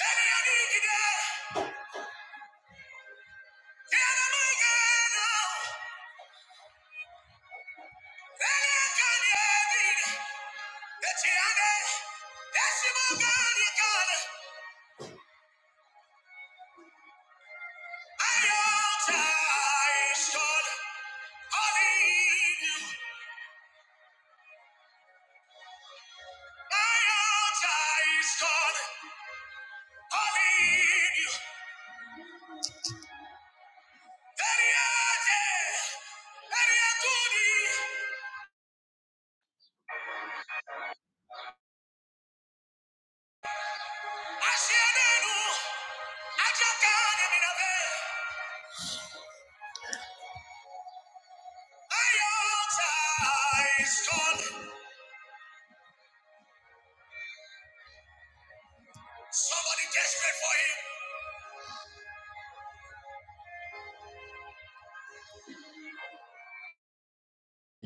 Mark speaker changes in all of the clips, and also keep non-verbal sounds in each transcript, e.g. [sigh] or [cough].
Speaker 1: I your time is gone. Somebody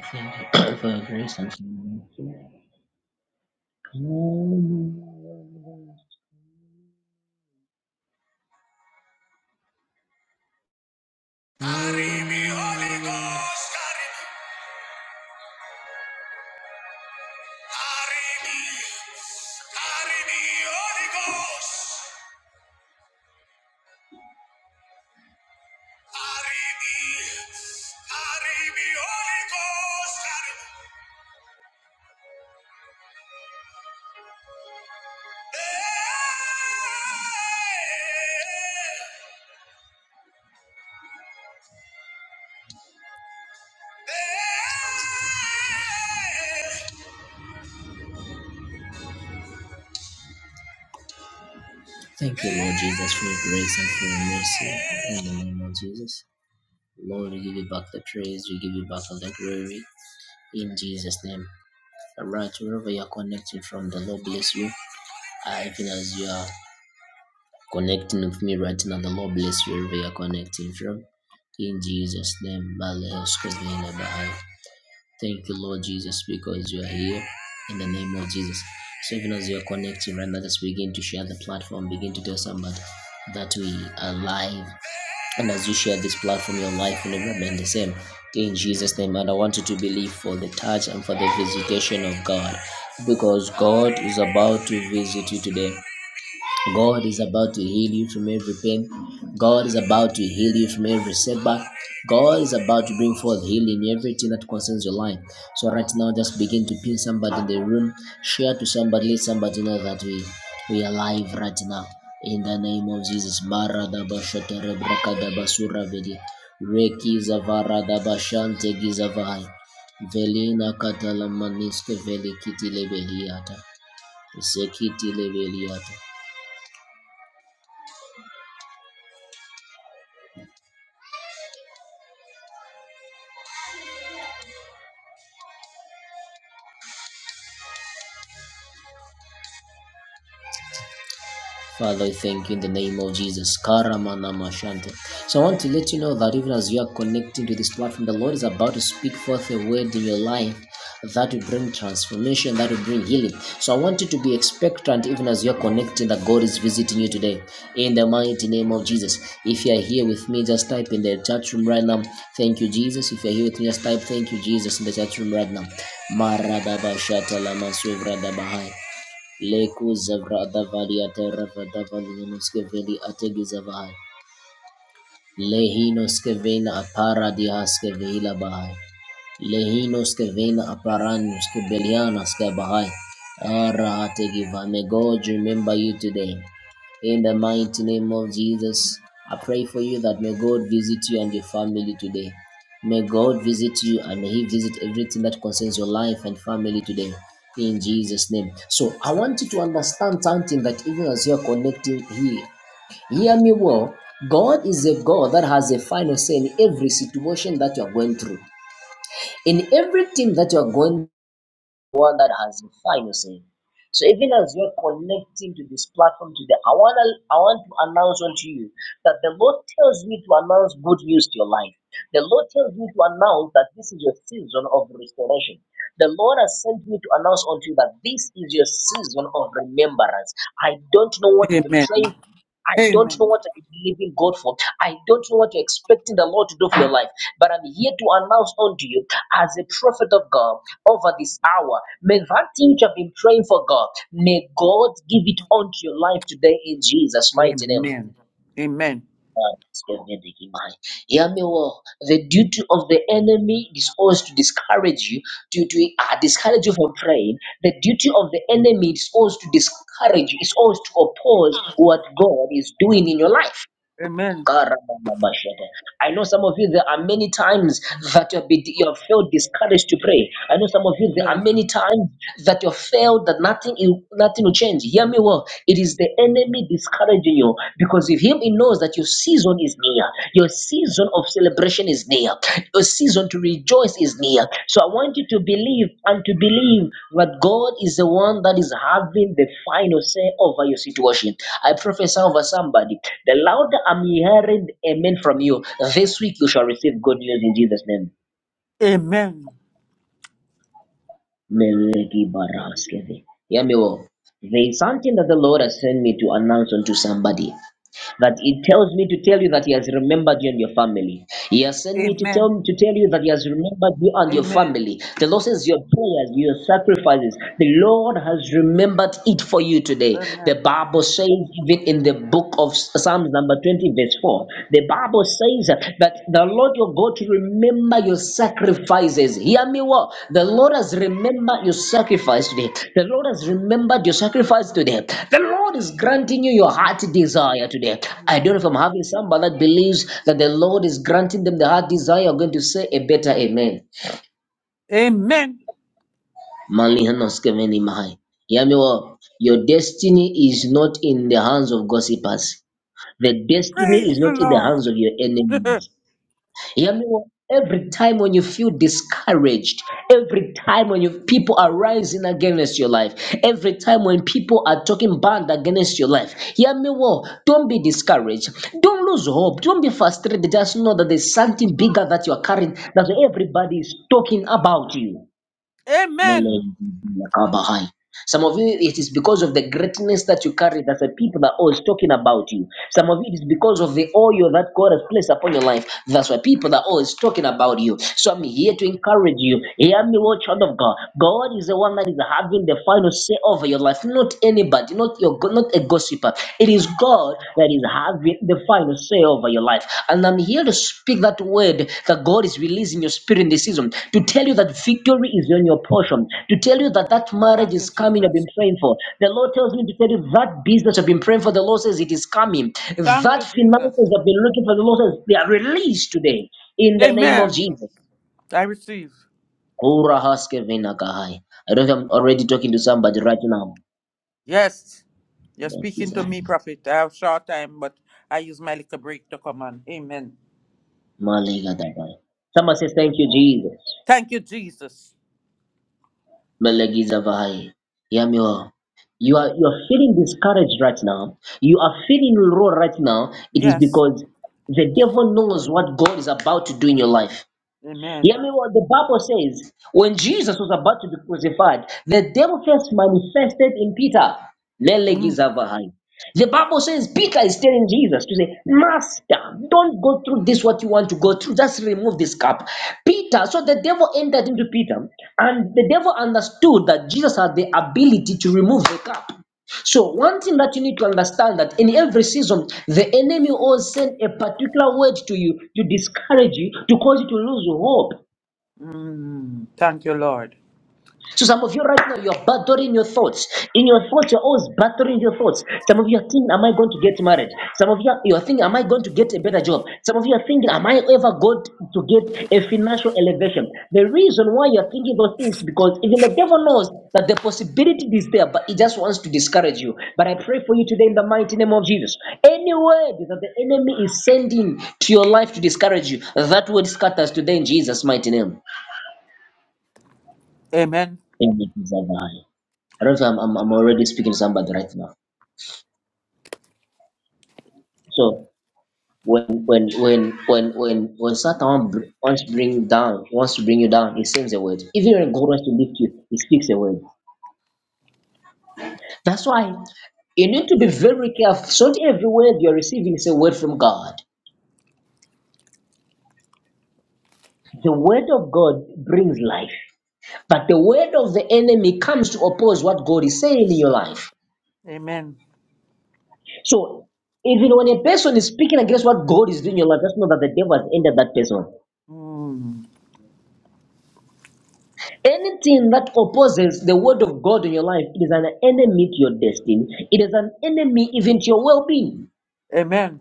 Speaker 1: desperate for him. Thank you for your grace and Carry me, Holy Ghost. Carry me. Carry me. Carry me, Holy Ghost. Carry me. Carry me, Holy Ghost. Carry me. Hey. Hey. hey, hey. Thank you, Lord Jesus, for your grace and for your mercy. In the name of Jesus. Lord, we give you back the praise, we give you back all the glory. In Jesus' name. All right, wherever you're connecting from, the Lord bless you. I feel as you are connecting with me right now, the Lord bless you wherever you're connecting from. In Jesus' name. Thank you, Lord Jesus, because you are here. In the name of Jesus. So even as you're connecting right now, just begin to share the platform, begin to tell somebody that we are live And as you share this platform, your life will never remain the same. In Jesus' name, and I want you to believe for the touch and for the visitation of God because God is about to visit you today. God is about to heal you from every pain. God is about to heal you from every setback. God is about to bring forth healing in everything that concerns your life. So right now, just begin to pin somebody in the room, share to somebody, let somebody know that we we are alive right now. In the name of Jesus, Marada Bashatere Brakada Basura Vedi, Reki Zavara Dabashante Gizavai, Velina Katala Maniske Velikiti Lebeliata, Zekiti Lebeliata. Father, I thank you in the name of Jesus. Karamana mashante. So I want to let you know that even as you are connecting to this platform, the Lord is about to speak forth a word in your life that will bring transformation, that will bring healing. So I want you to be expectant even as you are connecting that God is visiting you today. In the mighty name of Jesus. If you are here with me, just type in the chat room right now. Thank you, Jesus. If you are here with me, just type thank you, Jesus in the chat room right now. Maradaba shata lama suvra dabahai. Leku zevra davali atereva davali nuskeveli ategizavai. Lehino skevela apara dihaskevela bahai. Lehinos ke vela aparanus ke belianas ke bahai. Ara hategiva. May God remember you today. In the mighty name of Jesus, I pray for you that may God visit you and your family today. May God visit you and may He visit everything that concerns your life and family today. In Jesus' name. So I want you to understand something that even as you are connecting here, hear me well. God is a God that has a final say in every situation that you are going through in everything that you are going one that has the final say. So even as you're connecting to this platform today, I want to I want to announce unto you that the Lord tells me to announce good news to your life. The Lord tells me to announce that this is your season of restoration. The Lord has sent me to announce unto you that this is your season of remembrance. I don't know what I've been
Speaker 2: Amen.
Speaker 1: trying I don't know
Speaker 2: Amen.
Speaker 1: what I'm believing God for. I don't know what you're expecting the Lord to do for your life. But I'm here to announce unto you, as a prophet of God, over this hour. May that thing you have been praying for God, may God give it unto your life today in Jesus' mighty name.
Speaker 2: Amen. Amen.
Speaker 1: Hear me well. The duty of the enemy is always to discourage you, to, to uh, discourage you from praying. The duty of the enemy is always to discourage you, is always to oppose what God is doing in your life.
Speaker 2: Amen.
Speaker 1: I know some of you, there are many times that you have, been, you have felt discouraged to pray. I know some of you, there are
Speaker 2: Yes.
Speaker 1: many times that you have failed that nothing, nothing will change. Hear me well. It is the enemy discouraging you because with him he knows that your season is near. Your season of celebration is near. Your season to rejoice is near. So I want you to believe and to believe that God is the one that is having the final say over your situation. I prophesy over somebody. The louder I'm hearing amen from you, this week you shall receive good news in Jesus' name.
Speaker 2: Amen.
Speaker 1: Hear me well. There is something that the Lord has sent me to announce unto somebody. But it tells me to tell you that He has remembered you and your family. He has sent me to
Speaker 2: Amen.
Speaker 1: tell to tell you that He has remembered you and your
Speaker 2: Amen.
Speaker 1: family. The Lord says your prayers, your sacrifices, the Lord has remembered it for you today.
Speaker 2: Amen.
Speaker 1: The Bible says, even in the book of Psalms number 20, verse 4, the Bible says that the Lord your God to remember your sacrifices. Hear me well. The Lord has remembered your sacrifice today. The Lord has remembered your sacrifice today. The Lord God is granting you your heart desire today. I
Speaker 2: Mhm.
Speaker 1: don't know if I'm having somebody that believes that the Lord is granting them the heart desire. You're going to say a better amen.
Speaker 2: Amen.
Speaker 1: Manly Hanos Keveni Mahai. Hear me well. Your destiny is not in the hands of gossipers. The destiny
Speaker 2: Praise
Speaker 1: is
Speaker 2: the
Speaker 1: not in the hands
Speaker 2: Lord.
Speaker 1: of your
Speaker 2: [laughs]
Speaker 1: enemies. Yeah, I mean, every time when you feel discouraged, every time when you people are rising against your life, every time when people are talking bad against your life, yeah, me mean, well, don't be discouraged. Don't lose hope. Don't be frustrated. Just know that there's something bigger that you are carrying that everybody is talking about you.
Speaker 2: Amen.
Speaker 1: Kabahai. Some of you, it is because of the greatness that you carry that the people are always talking about you. Some of you, it is because of the oil that God has placed upon your life. That's why people are always talking about you. So I'm here to encourage you. Hear me, oh child of God. God is the one that is having the final say over your life, not anybody, not your, not a gossiper. It is God that is having the final say over your life. And I'm here to speak that word that God is releasing your spirit in this season to tell you that victory is on your portion, to tell you that that marriage
Speaker 2: Thank you,
Speaker 1: is coming. I've
Speaker 2: Jesus.
Speaker 1: been praying for. The Lord tells me to tell you that business I've been praying for. The Lord says it is coming.
Speaker 2: Thank
Speaker 1: That
Speaker 2: you, Jesus.
Speaker 1: finances I've been looking for. The Lord says they are released today in the name of
Speaker 2: Amen.
Speaker 1: Jesus.
Speaker 2: I receive.
Speaker 1: Kura haske vena kahai. I don't think I'm already talking to somebody right now.
Speaker 2: Yes. You're
Speaker 1: Thank you,
Speaker 2: speaking to
Speaker 1: sir.
Speaker 2: me, prophet. I have short time, but I use my little break to come on. Amen.
Speaker 1: Malega dabai. Someone says, Thank you, Jesus.
Speaker 2: Thank you, Jesus.
Speaker 1: Melagizavai. Hear me well. You are you are feeling discouraged right now. You are feeling low right now. It is
Speaker 2: Yes.
Speaker 1: because the devil knows what God is about to do in your life.
Speaker 2: Amen.
Speaker 1: Hear me what the Bible says. When Jesus was about to be crucified, the devil first manifested in Peter. Lele
Speaker 2: Mm.
Speaker 1: gizavahai. The Bible says Peter is telling Jesus to say, Master, don't go through this what you want to go through. Just remove this cup. Peter, so the devil entered into Peter, and the devil understood that Jesus had the ability to remove the cup. So one thing that you need to understand that in every season, the enemy always send a particular word to you to discourage you, to cause you to lose hope.
Speaker 2: Mm, thank you, Lord.
Speaker 1: So some of you right now, you're battling your thoughts. In your thoughts, you're always battling your thoughts. Some of you are thinking, am I going to get married? Some of you are, you are thinking, am I going to get a better job? Some of you are thinking, am I ever going to get a financial elevation? The reason why you're thinking those things is because even the devil knows that the possibility is there, but he just wants to discourage you. But I pray for you today in the mighty name of Jesus. Any word that the enemy is sending to your life to discourage you, that word scatters today in Jesus' mighty name.
Speaker 2: Amen.
Speaker 1: Amen. I don't know. if I'm, I'm I'm already speaking to somebody right now. So when when when when when when Satan br- wants to bring down, wants to bring you down, he sends a word. Even when God wants to lift you, he speaks a word. That's why you need to be very careful. So not every word you're receiving is a word from God. The word of God brings life, but the word of the enemy comes to oppose what God is saying in your life.
Speaker 2: Amen.
Speaker 1: So even when a person is speaking against what God is doing in your life, just know that the devil has ended that person.
Speaker 2: Mm,
Speaker 1: Anything that opposes the word of God in your life, it is an enemy to your destiny. It is an enemy even to your well-being.
Speaker 2: amen.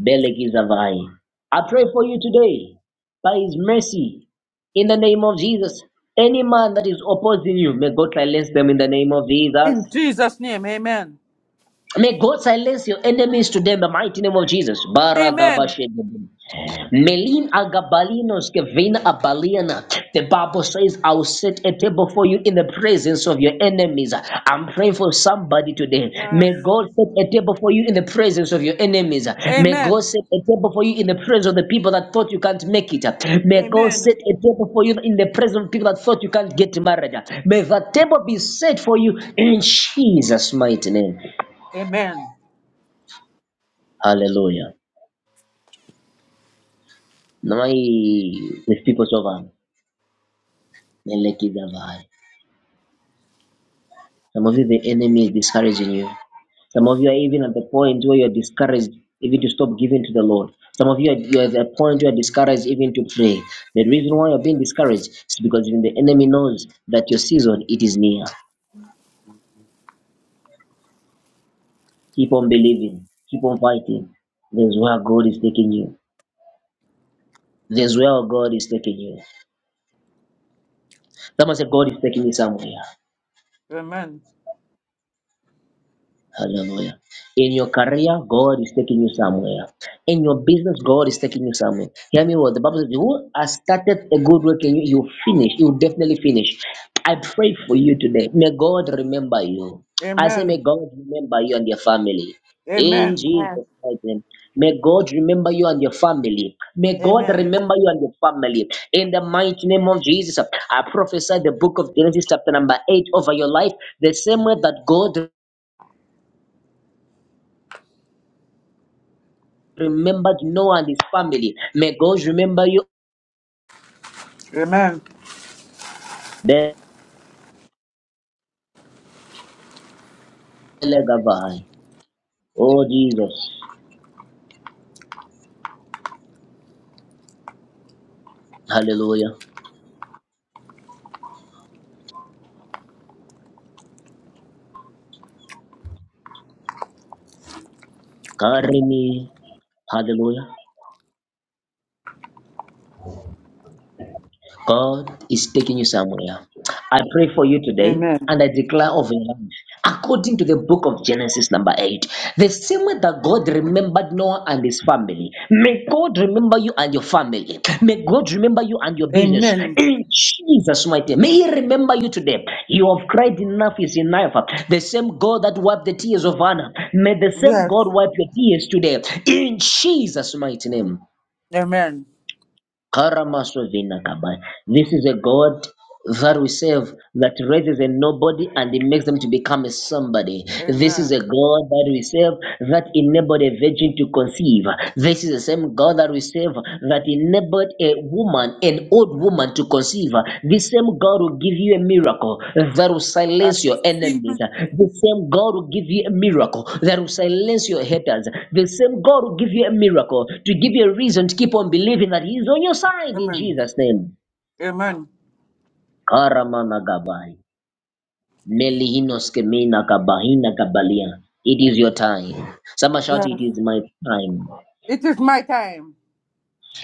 Speaker 1: Belek is a vine. I pray for you today by his mercy in the name of Jesus. Any man that is opposing you, may God silence them in the name of Jesus.
Speaker 2: In Jesus' name, amen.
Speaker 1: May God silence your enemies today in the mighty name of Jesus.
Speaker 2: Amen.
Speaker 1: Baradabashede. Melin agabalinos kevina abaliana. The Bible says, I will set a table for you in the presence of your enemies. I'm praying for somebody today. May
Speaker 2: Yes.
Speaker 1: God set a table for you in the presence of your enemies. May God
Speaker 2: Amen.
Speaker 1: set a table for you in the presence of the people that thought you can't make it. May God
Speaker 2: Amen.
Speaker 1: set a table for you in the presence of people that thought you can't get married. May that table be set for you in Jesus' mighty name.
Speaker 2: Amen.
Speaker 1: Hallelujah. My with people over. Some of you, the enemy is discouraging you. Some of you are even at the point where you're discouraged even to stop giving to the Lord. Some of you are, you're at the point where you're discouraged even to pray. The reason why you're being discouraged is because even the enemy knows that your season, it is near. Keep on believing. Keep on fighting. There's where God is taking you. There's where God is taking you. Someone said, God is taking me somewhere.
Speaker 2: Amen.
Speaker 1: Hallelujah. In your career, God is taking you somewhere. In your business, God is taking you somewhere. Hear me well. The Bible says, Who has started a good work in you, you will finish. You will definitely finish. I pray for you today. May God remember you. I say,
Speaker 2: Amen.
Speaker 1: May God remember you and your family. In
Speaker 2: Amen.
Speaker 3: Amen.
Speaker 1: Jesus' mighty name. May God remember you and your family. May God
Speaker 2: Amen.
Speaker 1: remember you and your family. In the mighty name of Jesus, I prophesy the book of Genesis, chapter number 8, over your life. The same way that God remembered Noah and his family. May God remember you.
Speaker 2: Amen.
Speaker 1: Belegavai. Oh Jesus. Hallelujah. Carry me. Hallelujah. God is taking you somewhere. I pray for you today
Speaker 2: Amen.
Speaker 1: and I declare over your life. According to the book of Genesis, number 8, the same way that God remembered Noah and his family, may God remember you and your family. May God remember you and your business.
Speaker 2: Amen.
Speaker 1: In Jesus' mighty name, may He remember you today. You have cried enough is enough. The same God that wiped the tears of Anna, may the same God
Speaker 2: Yes.
Speaker 1: wipe your tears today. In Jesus' mighty name.
Speaker 2: Amen.
Speaker 1: Karamasovina Kabai. This is a God that we serve that raises a nobody and he makes them to become a somebody. This
Speaker 2: Amen.
Speaker 1: is a God that we serve that enabled a virgin to conceive. This is the same God that we serve that enabled a woman an old woman to conceive. The same God will give you a miracle that will
Speaker 2: I
Speaker 1: silence your
Speaker 2: receive
Speaker 1: enemies.
Speaker 2: it.
Speaker 1: The same God will give you a miracle that will silence your haters. The same God will give you a miracle to give you a reason to keep on believing that He is on your side in
Speaker 2: Amen.
Speaker 1: Jesus' name.
Speaker 2: Amen.
Speaker 1: Karamana gabai. Melihinos kemina kabahina kabalia. It is your time. Somebody shout,
Speaker 2: Yes.
Speaker 1: It is my time.
Speaker 2: It is my time.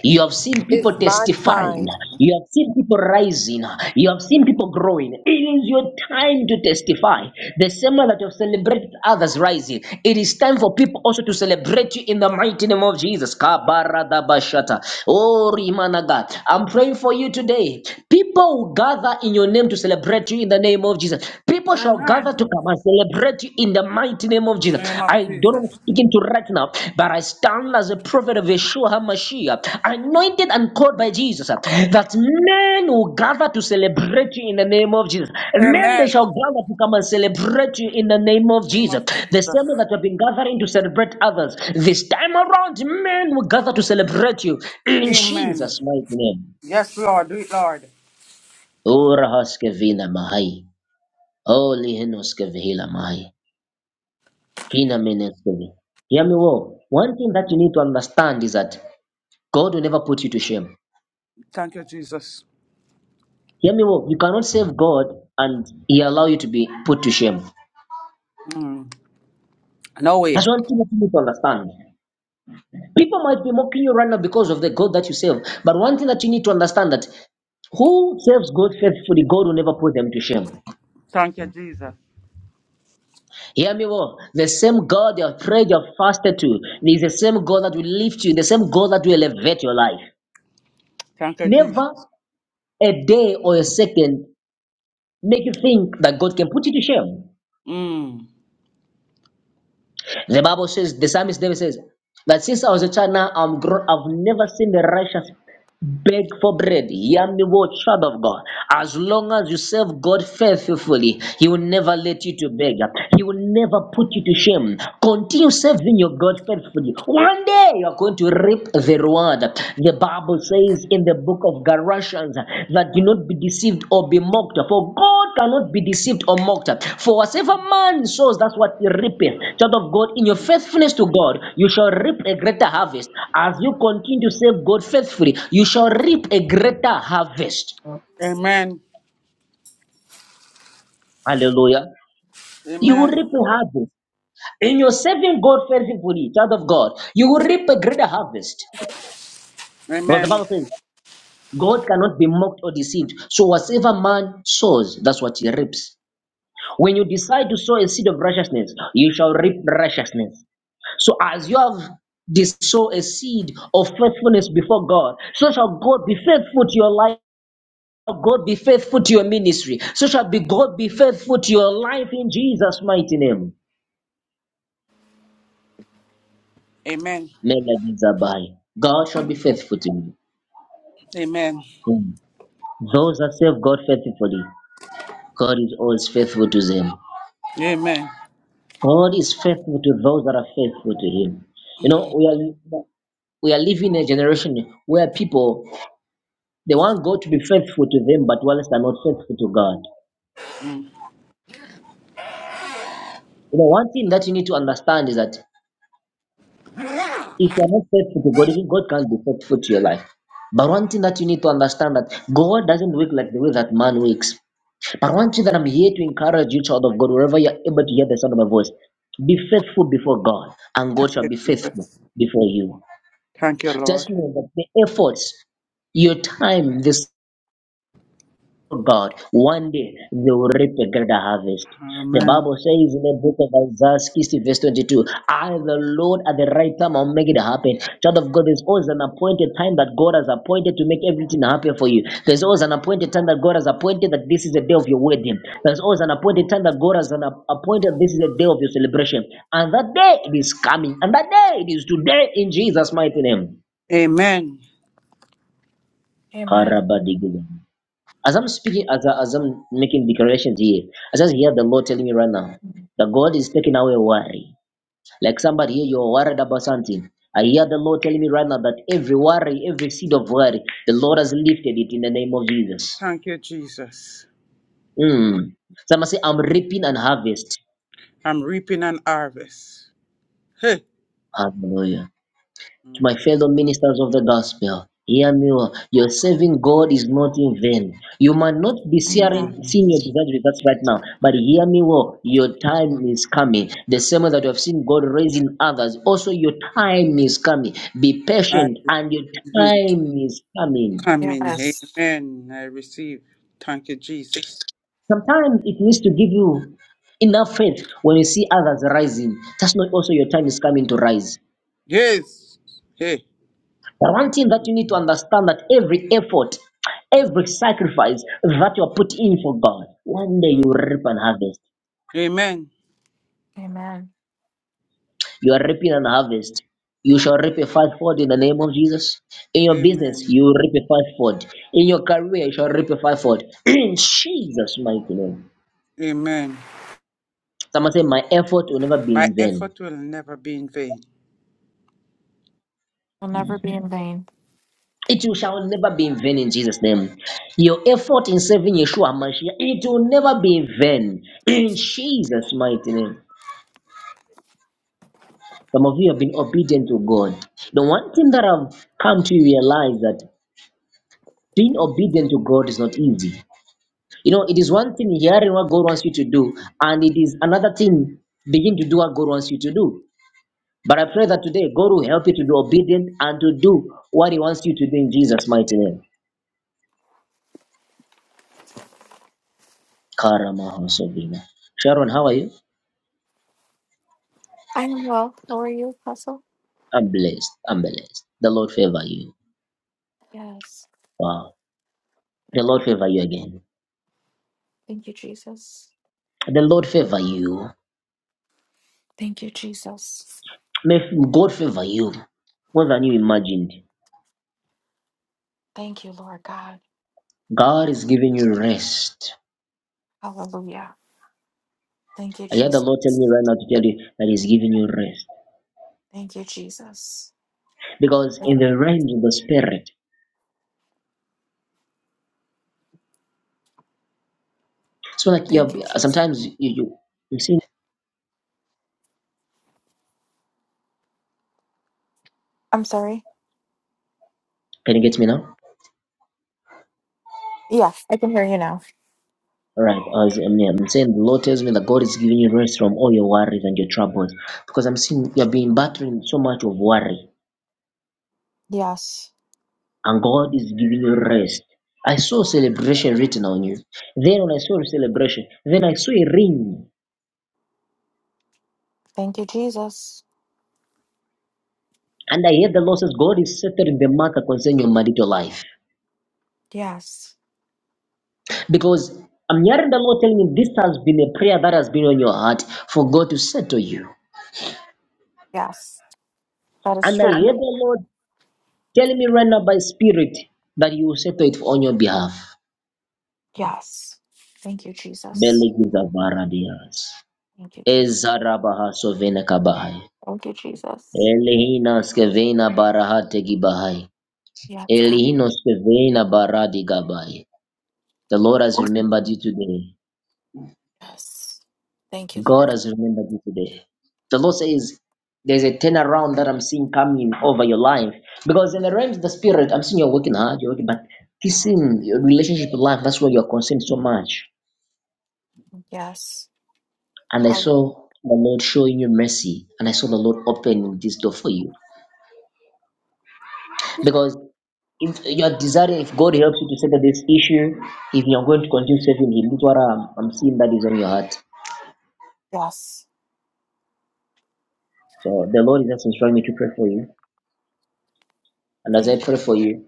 Speaker 1: You have seen people
Speaker 4: It's my
Speaker 1: testifying.
Speaker 4: time.
Speaker 1: You have seen people rising. You have seen people growing. It is your time to testify. The same way that you have celebrated others rising, it is time for people also to celebrate you in the mighty name of Jesus. Kabaradabashata. Oh, Rimanaga. I'm praying for you today. People will gather in your name to celebrate you in the name of Jesus. People shall gather
Speaker 2: Amen.
Speaker 1: to come and celebrate you in the mighty name of
Speaker 2: In the
Speaker 1: Jesus.
Speaker 2: name of
Speaker 1: I don't know who
Speaker 2: Jesus.
Speaker 1: I'm speaking to right now, but I stand as a prophet of Yeshua HaMashiach, anointed and called by Jesus, uh, that men will gather to celebrate you in the name of Jesus. Men, they
Speaker 2: Amen.
Speaker 1: shall gather to come and celebrate you in the name of
Speaker 2: Name
Speaker 1: Jesus.
Speaker 2: of
Speaker 1: The
Speaker 2: Jesus.
Speaker 1: same way that you have been gathering to celebrate others, this time around, men will gather to celebrate you in
Speaker 2: Amen.
Speaker 1: Jesus' mighty name.
Speaker 2: Yes, Lord. Do it, Lord.
Speaker 1: Ora haskevina mahai. Holy Hinoskevihila mahai. in a ministry. Hear me well. One thing that you need to understand is that God will never put you to shame.
Speaker 2: Thank you, Jesus.
Speaker 1: Hear me well. You cannot save God and He allow you to be put to shame.
Speaker 2: Mm. No
Speaker 1: That's
Speaker 2: way.
Speaker 1: one thing that you need to understand. People might be mocking you right now because of the God that you serve. But one thing that you need to understand that who serves God faithfully, God will never put them to shame.
Speaker 2: Thank you, Jesus.
Speaker 1: Hear me well. The same God you have prayed, you have fasted to, is the same God that will lift you, the same God that will elevate your life.
Speaker 2: Thank you, Jesus.
Speaker 1: Never a day or a second make you think that God can put you to shame.
Speaker 2: Mm.
Speaker 1: The Bible says, the psalmist David says, that since I was a child now I'm grown, I've never seen the righteous beg for bread. Hear me, O child of God. As long as you serve God faithfully, He will never let you to beg. He will never put you to shame. Continue serving your God faithfully. One day you are going to reap the reward. The Bible says in the book of Galatians. Russians uh, that do not be deceived or be mocked, for God cannot be deceived or mocked. For whatsoever man sows, that's what he reapeth. Child of God, in your faithfulness to God, you shall reap a greater harvest. As you continue to serve God faithfully, you shall reap a greater harvest.
Speaker 2: Amen.
Speaker 1: Hallelujah. You will
Speaker 2: Amen.
Speaker 1: reap a harvest. In your serving God faithfully, child of God, you will reap a greater harvest. Because the
Speaker 2: Amen.
Speaker 1: Bible says, God cannot be mocked or deceived. So whatsoever man sows, that's what he reaps. When you decide to sow a seed of righteousness, you shall reap righteousness. So as you have this sow a seed of faithfulness before God, so shall God be faithful to your life. God be faithful to your ministry. So shall be God be faithful to your life in Jesus' mighty name.
Speaker 2: Amen.
Speaker 1: Melody Zabai. God shall be faithful to you.
Speaker 2: Amen.
Speaker 1: Hmm. Those that serve God faithfully, God is always faithful to them.
Speaker 2: Amen.
Speaker 1: God is faithful to those that are faithful to Him. You know, we are we are living in a generation where people they want God to be faithful to them, but whilst they're not faithful to God. You know, one thing that you need to understand is that if you're not faithful to God, even God can't be faithful to your life. But one thing that you need to understand that God doesn't work like the way that man works. But one thing that I'm here to encourage you, child of God, wherever you're able to hear the sound of my voice, be faithful before God, and
Speaker 2: Thank
Speaker 1: God shall
Speaker 2: you,
Speaker 1: be faithful
Speaker 2: Jesus.
Speaker 1: before you.
Speaker 2: Thank you,
Speaker 1: Just
Speaker 2: Lord.
Speaker 1: know that the efforts, your time, this God, one day they will reap a greater harvest. The
Speaker 2: Amen.
Speaker 1: Bible says in the book of Isaiah 60, verse 22, I, the Lord, at the right time, I'll make it happen. Child of God, there's always an appointed time that God has appointed to make everything happen for you. There's always an appointed time that God has appointed that this is the day of your wedding. There's always an appointed time that God has an ap- appointed this is the day of your celebration. And that day it is coming. And that day it is today in Jesus' mighty name.
Speaker 2: Amen.
Speaker 3: Amen.
Speaker 1: Karabadigula. As I'm speaking, as, I, as I'm making declarations here, I just hear the Lord telling me right now that God is taking away worry. Like somebody here, you're worried about something. I hear the Lord telling me right now that every worry, every seed of worry, the Lord has lifted it in the name of Jesus.
Speaker 2: Thank you, Jesus.
Speaker 1: Mm. Someone say, I'm reaping and harvest.
Speaker 2: I'm reaping an harvest. Hey.
Speaker 1: Hallelujah. to my
Speaker 2: Mm.
Speaker 1: fellow ministers of the gospel. Hear me well. Your serving God is not in vain. You might not be seeing,
Speaker 3: Amen.
Speaker 2: Amen.
Speaker 1: seeing your desired results right now, but hear me well. Your time is coming. The same way that you have seen God raising others, also your time is coming. Be
Speaker 2: I
Speaker 1: patient, and your
Speaker 2: receive it.
Speaker 1: time is coming.
Speaker 2: coming.
Speaker 3: Yes.
Speaker 2: Amen. I receive. Thank you, Jesus.
Speaker 1: Sometimes it needs to give you enough faith when you see others rising. That's not also your time is coming to rise.
Speaker 2: Yes. Hey.
Speaker 1: But one thing that you need to understand that every effort, every sacrifice that you are put in for God, one day you
Speaker 2: Mm.
Speaker 1: reap an harvest.
Speaker 2: Amen.
Speaker 3: Amen.
Speaker 1: You are reaping an harvest. You shall reap a fivefold in the name of Jesus. In your business,
Speaker 2: Amen.
Speaker 1: you will reap a fivefold. In your career, you shall reap a fivefold. [clears throat] In Jesus' mighty name.
Speaker 2: Amen.
Speaker 1: Someone say, My effort will never be
Speaker 2: My
Speaker 1: in vain.
Speaker 2: effort will never be in vain.
Speaker 3: I'll never be in vain.
Speaker 1: It will- shall never be in vain in Jesus' name. Your effort in serving Yeshua Mashiach, it will never be in vain in Jesus' mighty name. Some of you have been obedient to God. The one thing that I've come to realize that being obedient to God is not easy. You know, it is one thing hearing what God wants you to do, and it is another thing begin to do what God wants you to do. But I pray that today God will help you to be obedient and to do what He wants you to do in Jesus' mighty name. Karamaho Sobina. Sharon, how are you?
Speaker 3: I am well. How are you, Apostle?
Speaker 1: I'm blessed. I'm blessed. The Lord favor you.
Speaker 3: Yes.
Speaker 1: Wow. The
Speaker 3: Thank you.
Speaker 1: Lord favor you again.
Speaker 3: Thank you, Jesus.
Speaker 1: The Lord favor you.
Speaker 3: Thank you, Jesus.
Speaker 1: May God favor you more than you imagined.
Speaker 3: Thank you, Lord God.
Speaker 1: God is giving you rest.
Speaker 3: Hallelujah. Thank you,
Speaker 1: I hear the Lord tell
Speaker 3: Jesus.
Speaker 1: me right now to tell you that He's giving you rest.
Speaker 3: Thank you, Jesus.
Speaker 1: Because in the realms of the spirit, so like you
Speaker 3: Thank
Speaker 1: have,
Speaker 3: you, Jesus.
Speaker 1: sometimes you, you, you see,
Speaker 3: I'm sorry.
Speaker 1: can you get me now?
Speaker 3: Yeah, I can hear you now.
Speaker 1: All right, I was, I'm, I'm saying the Lord tells me that God is giving you rest from all your worries and your troubles. Because I'm seeing you've been battling so much of worry,
Speaker 3: Yes.
Speaker 1: and God is giving you rest. I saw celebration written on you. Then when I saw celebration, then I saw a ring
Speaker 3: Thank you, Jesus.
Speaker 1: And I hear the Lord says, God is settling the matter concerning your marital life.
Speaker 3: Yes.
Speaker 1: Because I'm hearing the Lord telling me this has been a prayer that has been on your heart for God to settle you.
Speaker 3: Yes. That is
Speaker 1: And I
Speaker 3: true.
Speaker 1: hear the Lord telling me right now by spirit that you will settle it on your behalf.
Speaker 3: Yes. Thank you, Jesus.
Speaker 1: Belegizabarabias.
Speaker 3: Thank you, Jesus.
Speaker 1: Ezarabaha sovena kabahai.
Speaker 3: Thank you, Jesus.
Speaker 1: Elihina skevena barahate gibahai.
Speaker 3: Yes, God.
Speaker 1: Elihino skevena baradi gabai. The Lord has remembered you today.
Speaker 3: Yes. Thank you,
Speaker 1: God
Speaker 3: Lord.
Speaker 1: has remembered you today. The Lord says, There's a turnaround that I'm seeing coming over your life. Because in the realms of the spirit, I'm seeing you're working hard, you're working, but this in your relationship with life, that's where you're concerned so much.
Speaker 3: Yes.
Speaker 1: And I
Speaker 3: Hallelujah.
Speaker 1: saw the Lord showing you mercy, and I saw the Lord opening this door for you. Because if you're desiring, if God helps you to settle this issue, if you're going to continue serving Him, that's what I'm, I'm seeing that is on your heart.
Speaker 3: Yes.
Speaker 1: So the Lord is just instructing me to pray for you. And as I
Speaker 3: Thank
Speaker 1: pray for you,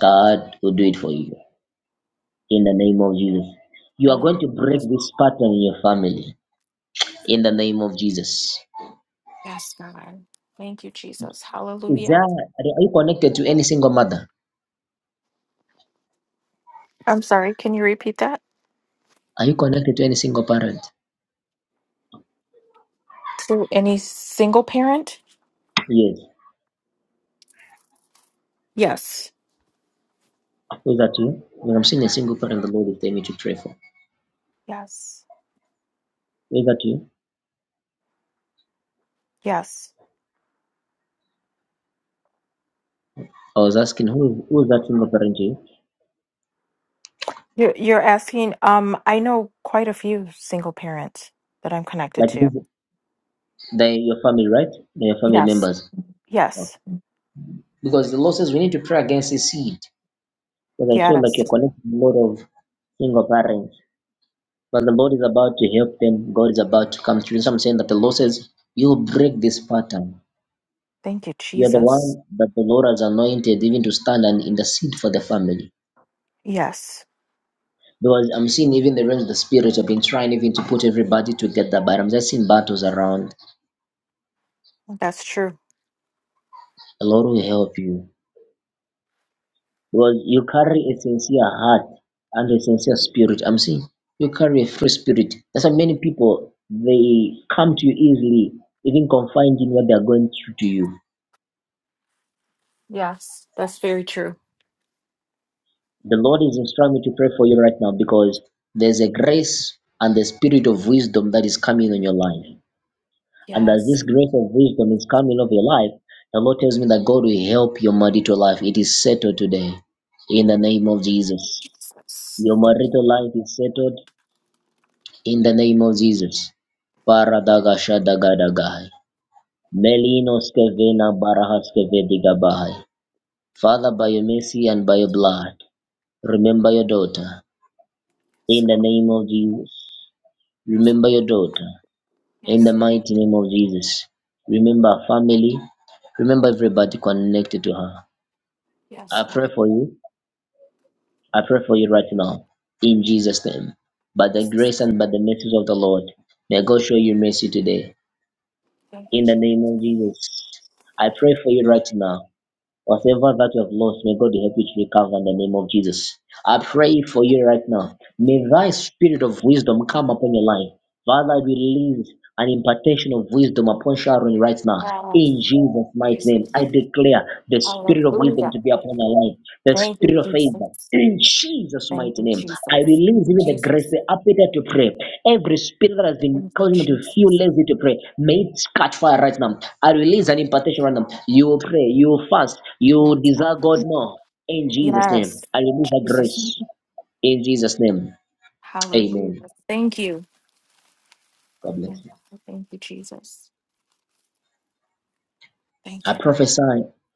Speaker 1: God will do it for you. in the name of Jesus. You are going to
Speaker 3: you.
Speaker 1: break this pattern in your family in the name of Jesus.
Speaker 3: Yes, God. Thank you, Jesus.
Speaker 1: Is there,
Speaker 3: Hallelujah.
Speaker 1: are you connected to any single mother?
Speaker 3: I'm sorry. Can you repeat that?
Speaker 1: Are you connected to any single parent?
Speaker 3: To any single parent?
Speaker 1: Yes.
Speaker 3: Yes.
Speaker 1: Who is that you? When I'm seeing a single parent, the Lord is telling me to pray for.
Speaker 3: Yes.
Speaker 1: Who is that you?
Speaker 3: Yes.
Speaker 1: I was asking who is, who is that single parent to you?
Speaker 3: You're, you're asking, um, I know quite a few single parents that I'm connected
Speaker 1: Like this,
Speaker 3: to.
Speaker 1: they your family, right? They your family
Speaker 3: Yes.
Speaker 1: members. Okay.
Speaker 3: Yes.
Speaker 1: Because the Lord says we need to pray against this seed. Because I saw like
Speaker 3: Yes.
Speaker 1: you're connected to a lot of single parents. But the Lord is about to help them. God is about to come through. So I'm saying that the Lord says, You will break this pattern.
Speaker 3: Thank you,
Speaker 1: You are the
Speaker 3: Jesus.
Speaker 1: one that the Lord has anointed even to stand and intercede for the family.
Speaker 3: Yes,
Speaker 1: Because I'm seeing even the realms of the spirit have been trying even to put everybody together, but I'm just seeing battles around.
Speaker 3: that's true.
Speaker 1: The Lord will help you. Because you carry a sincere heart and a sincere spirit. I'm seeing you carry a free spirit. That's why many people they come to you easily, even confiding what they are going through to you
Speaker 3: Yes, that's very true.
Speaker 1: The Lord is instructing me to pray for you right now because there's a grace and the spirit of wisdom that is coming on your life. And as
Speaker 3: Yes.
Speaker 1: this grace of wisdom is coming over your life, the Lord tells me that God will help your marital life. It is settled today in the name of Jesus.
Speaker 3: Jesus.
Speaker 1: Your
Speaker 3: Thank you.
Speaker 1: marital life is settled in the name of Jesus. Paradagashadagadagahai. Melinoskevena barahaskevedigabai. Father, by your mercy and by your blood, remember your daughter
Speaker 3: Yes,
Speaker 1: in the
Speaker 3: God.
Speaker 1: name of Jesus.
Speaker 3: Yes.
Speaker 1: Remember your daughter in the
Speaker 3: Yes,
Speaker 1: mighty name of Jesus. Remember her family. Remember everybody connected to her. I
Speaker 3: Yes,
Speaker 1: pray
Speaker 3: God.
Speaker 1: for you. I pray for you right now in Jesus' name. By the grace and by the mercies of the Lord, may God show you mercy today
Speaker 3: Thank you,
Speaker 1: in the
Speaker 3: Jesus.
Speaker 1: name of Jesus. I pray for you right now Whatever that you have lost, may God help you to recover in the name of Jesus. I pray for you right now. May thy spirit of wisdom come upon your life. Father, I release an impartation of wisdom upon Sharon right now.
Speaker 3: Yes,
Speaker 1: In Jesus' mighty name,
Speaker 3: Jesus.
Speaker 1: I declare the spirit of wisdom
Speaker 3: Hallelujah.
Speaker 1: to be upon her life, the the
Speaker 3: Thank you,
Speaker 1: spirit of favor.
Speaker 3: Jesus.
Speaker 1: In Jesus'
Speaker 3: Thank
Speaker 1: mighty
Speaker 3: you,
Speaker 1: name, I
Speaker 3: Jesus. Thank
Speaker 1: release
Speaker 3: you,
Speaker 1: you with the grace,
Speaker 3: Jesus.
Speaker 1: the appetite to pray. Every spirit that has been
Speaker 3: Thank you,
Speaker 1: causing me to feel
Speaker 3: Jesus.
Speaker 1: lazy to pray, may it catch fire right now. I release an impartation right now. You will pray, you will fast, you will
Speaker 3: Yes,
Speaker 1: desire
Speaker 3: God.
Speaker 1: God more. In Jesus' name,
Speaker 3: Yes,
Speaker 1: I release the
Speaker 3: Jesus.
Speaker 1: grace. In Jesus' name,
Speaker 3: Hallelujah.
Speaker 1: amen.
Speaker 3: Thank you.
Speaker 1: God bless you.
Speaker 3: Thank you, Jesus. Thank
Speaker 1: I
Speaker 3: you, Lord.
Speaker 1: prophesy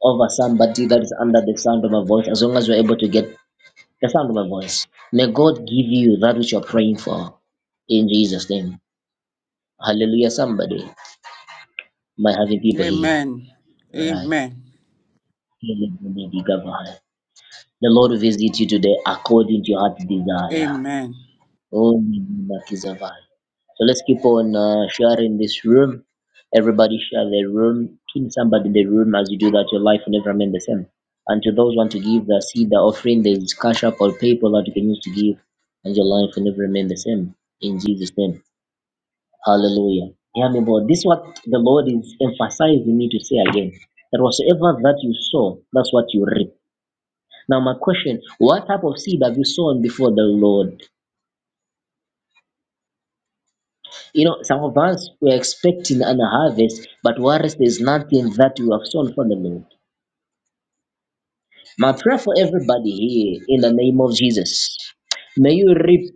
Speaker 1: over somebody that is under the sound of my voice, as long as you're able to get the sound of my voice. May God give you that which you're praying for. In Jesus' name. Hallelujah, somebody. My happy people here.
Speaker 2: Amen.
Speaker 1: Right.
Speaker 2: Amen.
Speaker 1: The Lord visit you today according to your heart's desire.
Speaker 2: Amen.
Speaker 1: Oh, Makizavai. So let's keep on uh, sharing this room. Everybody share the room. Pin somebody in the room as you do that. Your life will never remain the same. And to those who want to give the seed, the offering, there is cash up or PayPal that you can use to give, and your life will never remain the same. In Jesus' name. Hallelujah. Hear me, Lord. This is what the Lord is emphasizing me to say again. That whatsoever that you sow, that's what you reap. Now, my question what type of seed have you sown before the Lord? You know, some of us were expecting an harvest, but whereas there's nothing that we have sown for the Lord. My prayer for everybody here in the name of Jesus. May you reap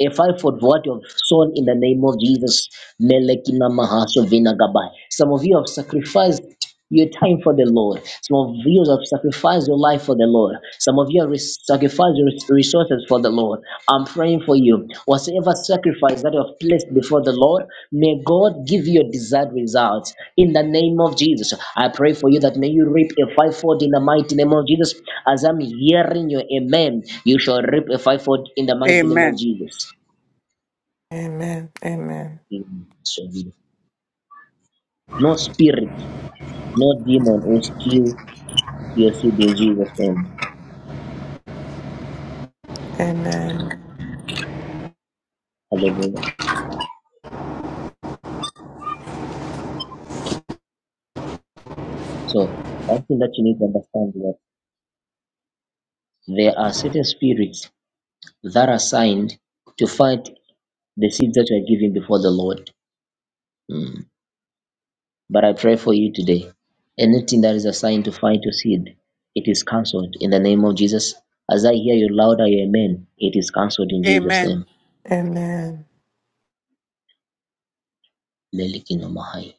Speaker 1: A five for what you have sown in the name of Jesus. Melekina mahaso vinagabai. Some of you have sacrificed your time for the Lord. Some of you have sacrificed your life for the Lord. Some of you have res- sacrificed your res- resources for the Lord. I'm praying for you. Whatsoever sacrifice that you have placed before the Lord, may God give you your desired results. In the name of Jesus, I pray for you that may you reap a fivefold in the mighty name of Jesus. As I'm hearing your amen, you shall reap a fivefold in the mighty name of
Speaker 2: Amen.
Speaker 1: Jesus.
Speaker 5: Amen. Amen.
Speaker 1: Amen. So be it. No spirit, no demon will steal your seed in Jesus' name.
Speaker 5: Amen.
Speaker 1: Hallelujah. So, one thing that you need to understand is that there are certain spirits that are assigned to fight the seeds that you are giving before the Lord. Mm. But I pray for you today. Anything that is assigned to fight your seed, it is cancelled in the name of Jesus. As I hear you louder, amen, it is cancelled in Jesus'
Speaker 2: Amen.
Speaker 1: name.
Speaker 5: Amen.
Speaker 1: Lelikinomahai.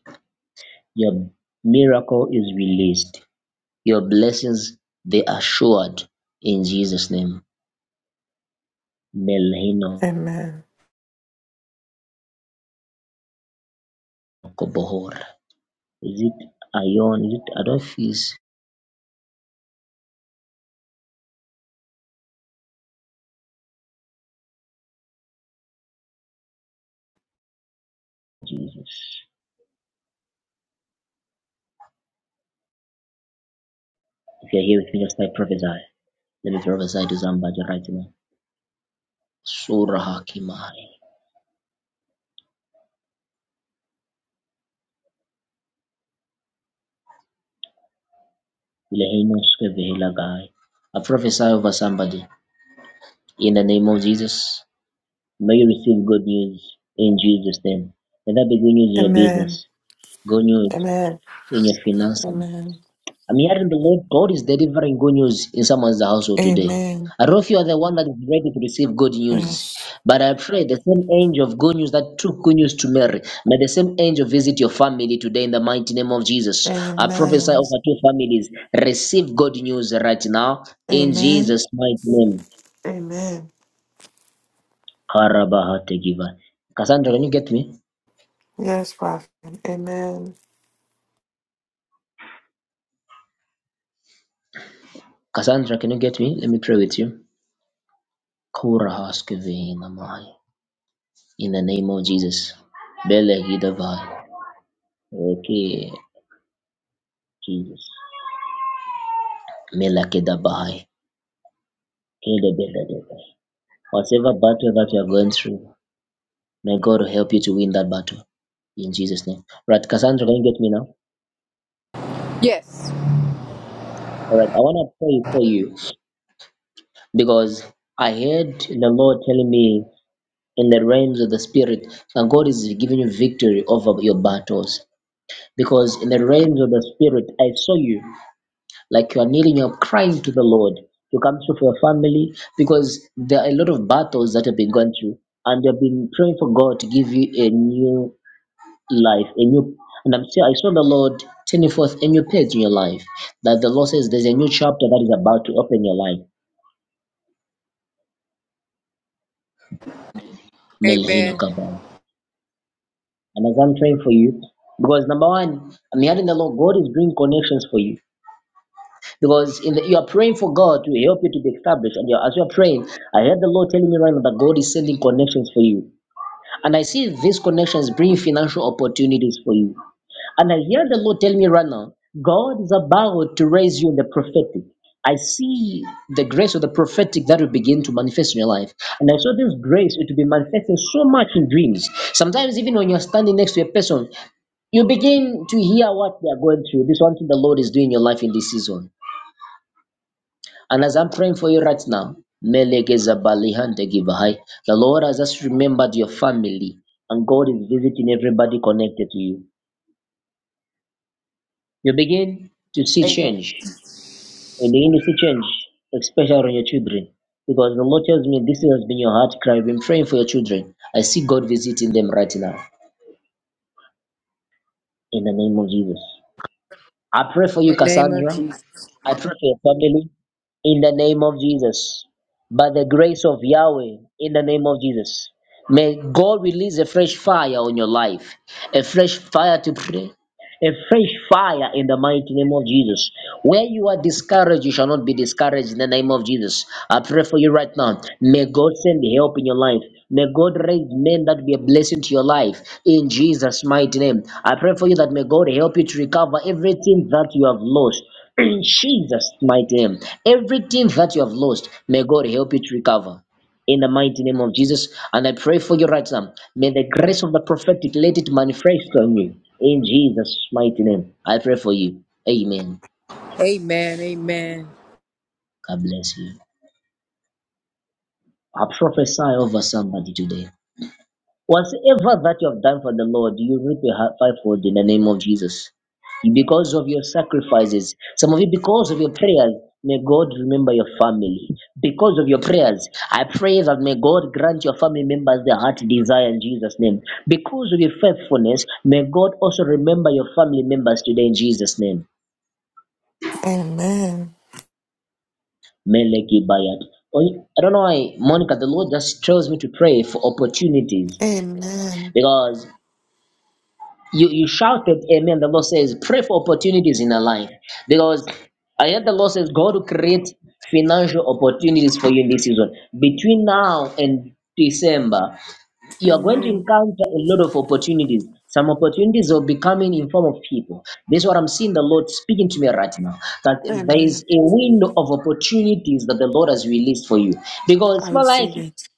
Speaker 1: Your miracle is released. Your blessings, they are assured in Jesus' name. Melhino
Speaker 5: Amen.
Speaker 1: Kobohor. Is it Ion? Is it Adolphus? Jesus. If you're here with me, just like prophesy. Let me prophesy to somebody right now. So Surah Hakimai. Leheinoskevehelagai. I prophesy over somebody in the name of Jesus. May you receive good news in Jesus' name. Let that be good news in your
Speaker 5: Amen.
Speaker 1: business, good news
Speaker 5: Amen.
Speaker 1: in your finances,
Speaker 5: Amen.
Speaker 1: I'm hearing the Lord God is delivering good news in someone's household today.
Speaker 5: Amen.
Speaker 1: I don't know if you are the one that is ready to receive good news,
Speaker 5: Yes.
Speaker 1: but I pray the same angel of good news that took good news to Mary, may the same angel visit your family today in the mighty name of Jesus. I prophesy
Speaker 5: Amen.
Speaker 1: over two families, receive good news right now in
Speaker 5: Amen.
Speaker 1: Jesus' mighty name.
Speaker 5: Amen.
Speaker 1: Karabahategiva. Cassandra, can you get me?
Speaker 5: Yes, Prophet. Amen.
Speaker 1: Cassandra, can you get me? Let me pray with you. Korahaskevina mai. In the name of Jesus. Bele Gidavai. Okay, Jesus. Melakidabahai. Kedebedebede. Whatever battle that you are going through, may God help you to win that battle. in Jesus' name. Right, Cassandra, can you get me now?
Speaker 4: Yes.
Speaker 1: All right, I want to pray for you because I heard the Lord telling me in the realms of the spirit that God is giving you victory over your battles. Because in the realms of the spirit, I saw you. like you are kneeling up crying to the Lord to come through for your family because there are a lot of battles that have been going through and you have been praying for God to give you a new life, a new and I'm still I saw the Lord turning forth a new page in your life. That the Lord says there's a new chapter that is about to open in your life. Melhina
Speaker 4: Amen.
Speaker 1: Kabaya. And as I'm praying for you, because number one, I'm hearing the Lord, God is bringing connections for you. Because in the, you are praying for God to help you to be established, and you're, as you're praying, I heard the Lord telling me right now that God is sending connections for you, and I see these connections bring financial opportunities for you. And I hear the Lord tell me right now, God is about to raise you in the prophetic. I see the grace of the prophetic that will begin to manifest in your life. And I saw this grace it will be manifesting so much in dreams. Sometimes, even when you're standing next to a person, you begin to hear what they are going through. This one thing the Lord is doing in your life in this season. And as I'm praying for you right now, Melegeza Balihante Givahai, the Lord has just remembered your family, and God is visiting everybody connected to you. You begin to see
Speaker 4: Amen. In
Speaker 1: change. You begin to see change, especially on your children. Because the Lord tells me this has been your heart cry. I've been praying for your children. I see God visiting them right now in the name of Jesus. I pray for you,
Speaker 4: the name of
Speaker 1: Cassandra.
Speaker 4: Jesus.
Speaker 1: I pray for your family in the name of Jesus. By the grace of Yahweh, in the name of Jesus. May God release a fresh fire on your life, a fresh fire to pray, a fresh fire in the mighty name of Jesus. Where you are discouraged, you shall not be discouraged in the name of Jesus. I pray for you right now. May God send help in your life. May God raise men that be a blessing to your life in Jesus' mighty name. I pray for you that may God help you to recover everything that you have lost. [clears throat] In Jesus' mighty name. Everything that you have lost, may God help you to recover in the mighty name of Jesus. And I pray for you right now. May the grace of the prophetic let it manifest on you. In Jesus' mighty name, I pray for you. Amen.
Speaker 4: Amen. Amen.
Speaker 1: God bless you. I prophesy over somebody today. Whatever that you have done for the Lord, you reap a hi- fivefold in the name of Jesus. Because of your sacrifices, some of you, because of your prayers, may God remember your family. Because of your prayers, I pray that may God grant your family members their heart desire in Jesus' name. Because of your faithfulness, may God also remember your family members today in Jesus' name.
Speaker 5: Amen.
Speaker 1: Meleki Bayat. I don't know why, Monica, the Lord just tells me to pray for opportunities
Speaker 5: Amen.
Speaker 1: because You you shouted amen. The Lord says, pray for opportunities in our life. Because I heard the Lord says, God will create financial opportunities for you in this season. Between now and December, you are going to
Speaker 5: Amen.
Speaker 1: encounter a lot of opportunities. Some opportunities will be coming in form of people. This is what I'm seeing the Lord speaking to me right now. That there is
Speaker 5: Amen.
Speaker 1: a window of opportunities that the Lord has released for you. Because
Speaker 5: I
Speaker 1: it's not
Speaker 5: receive
Speaker 1: like
Speaker 5: it.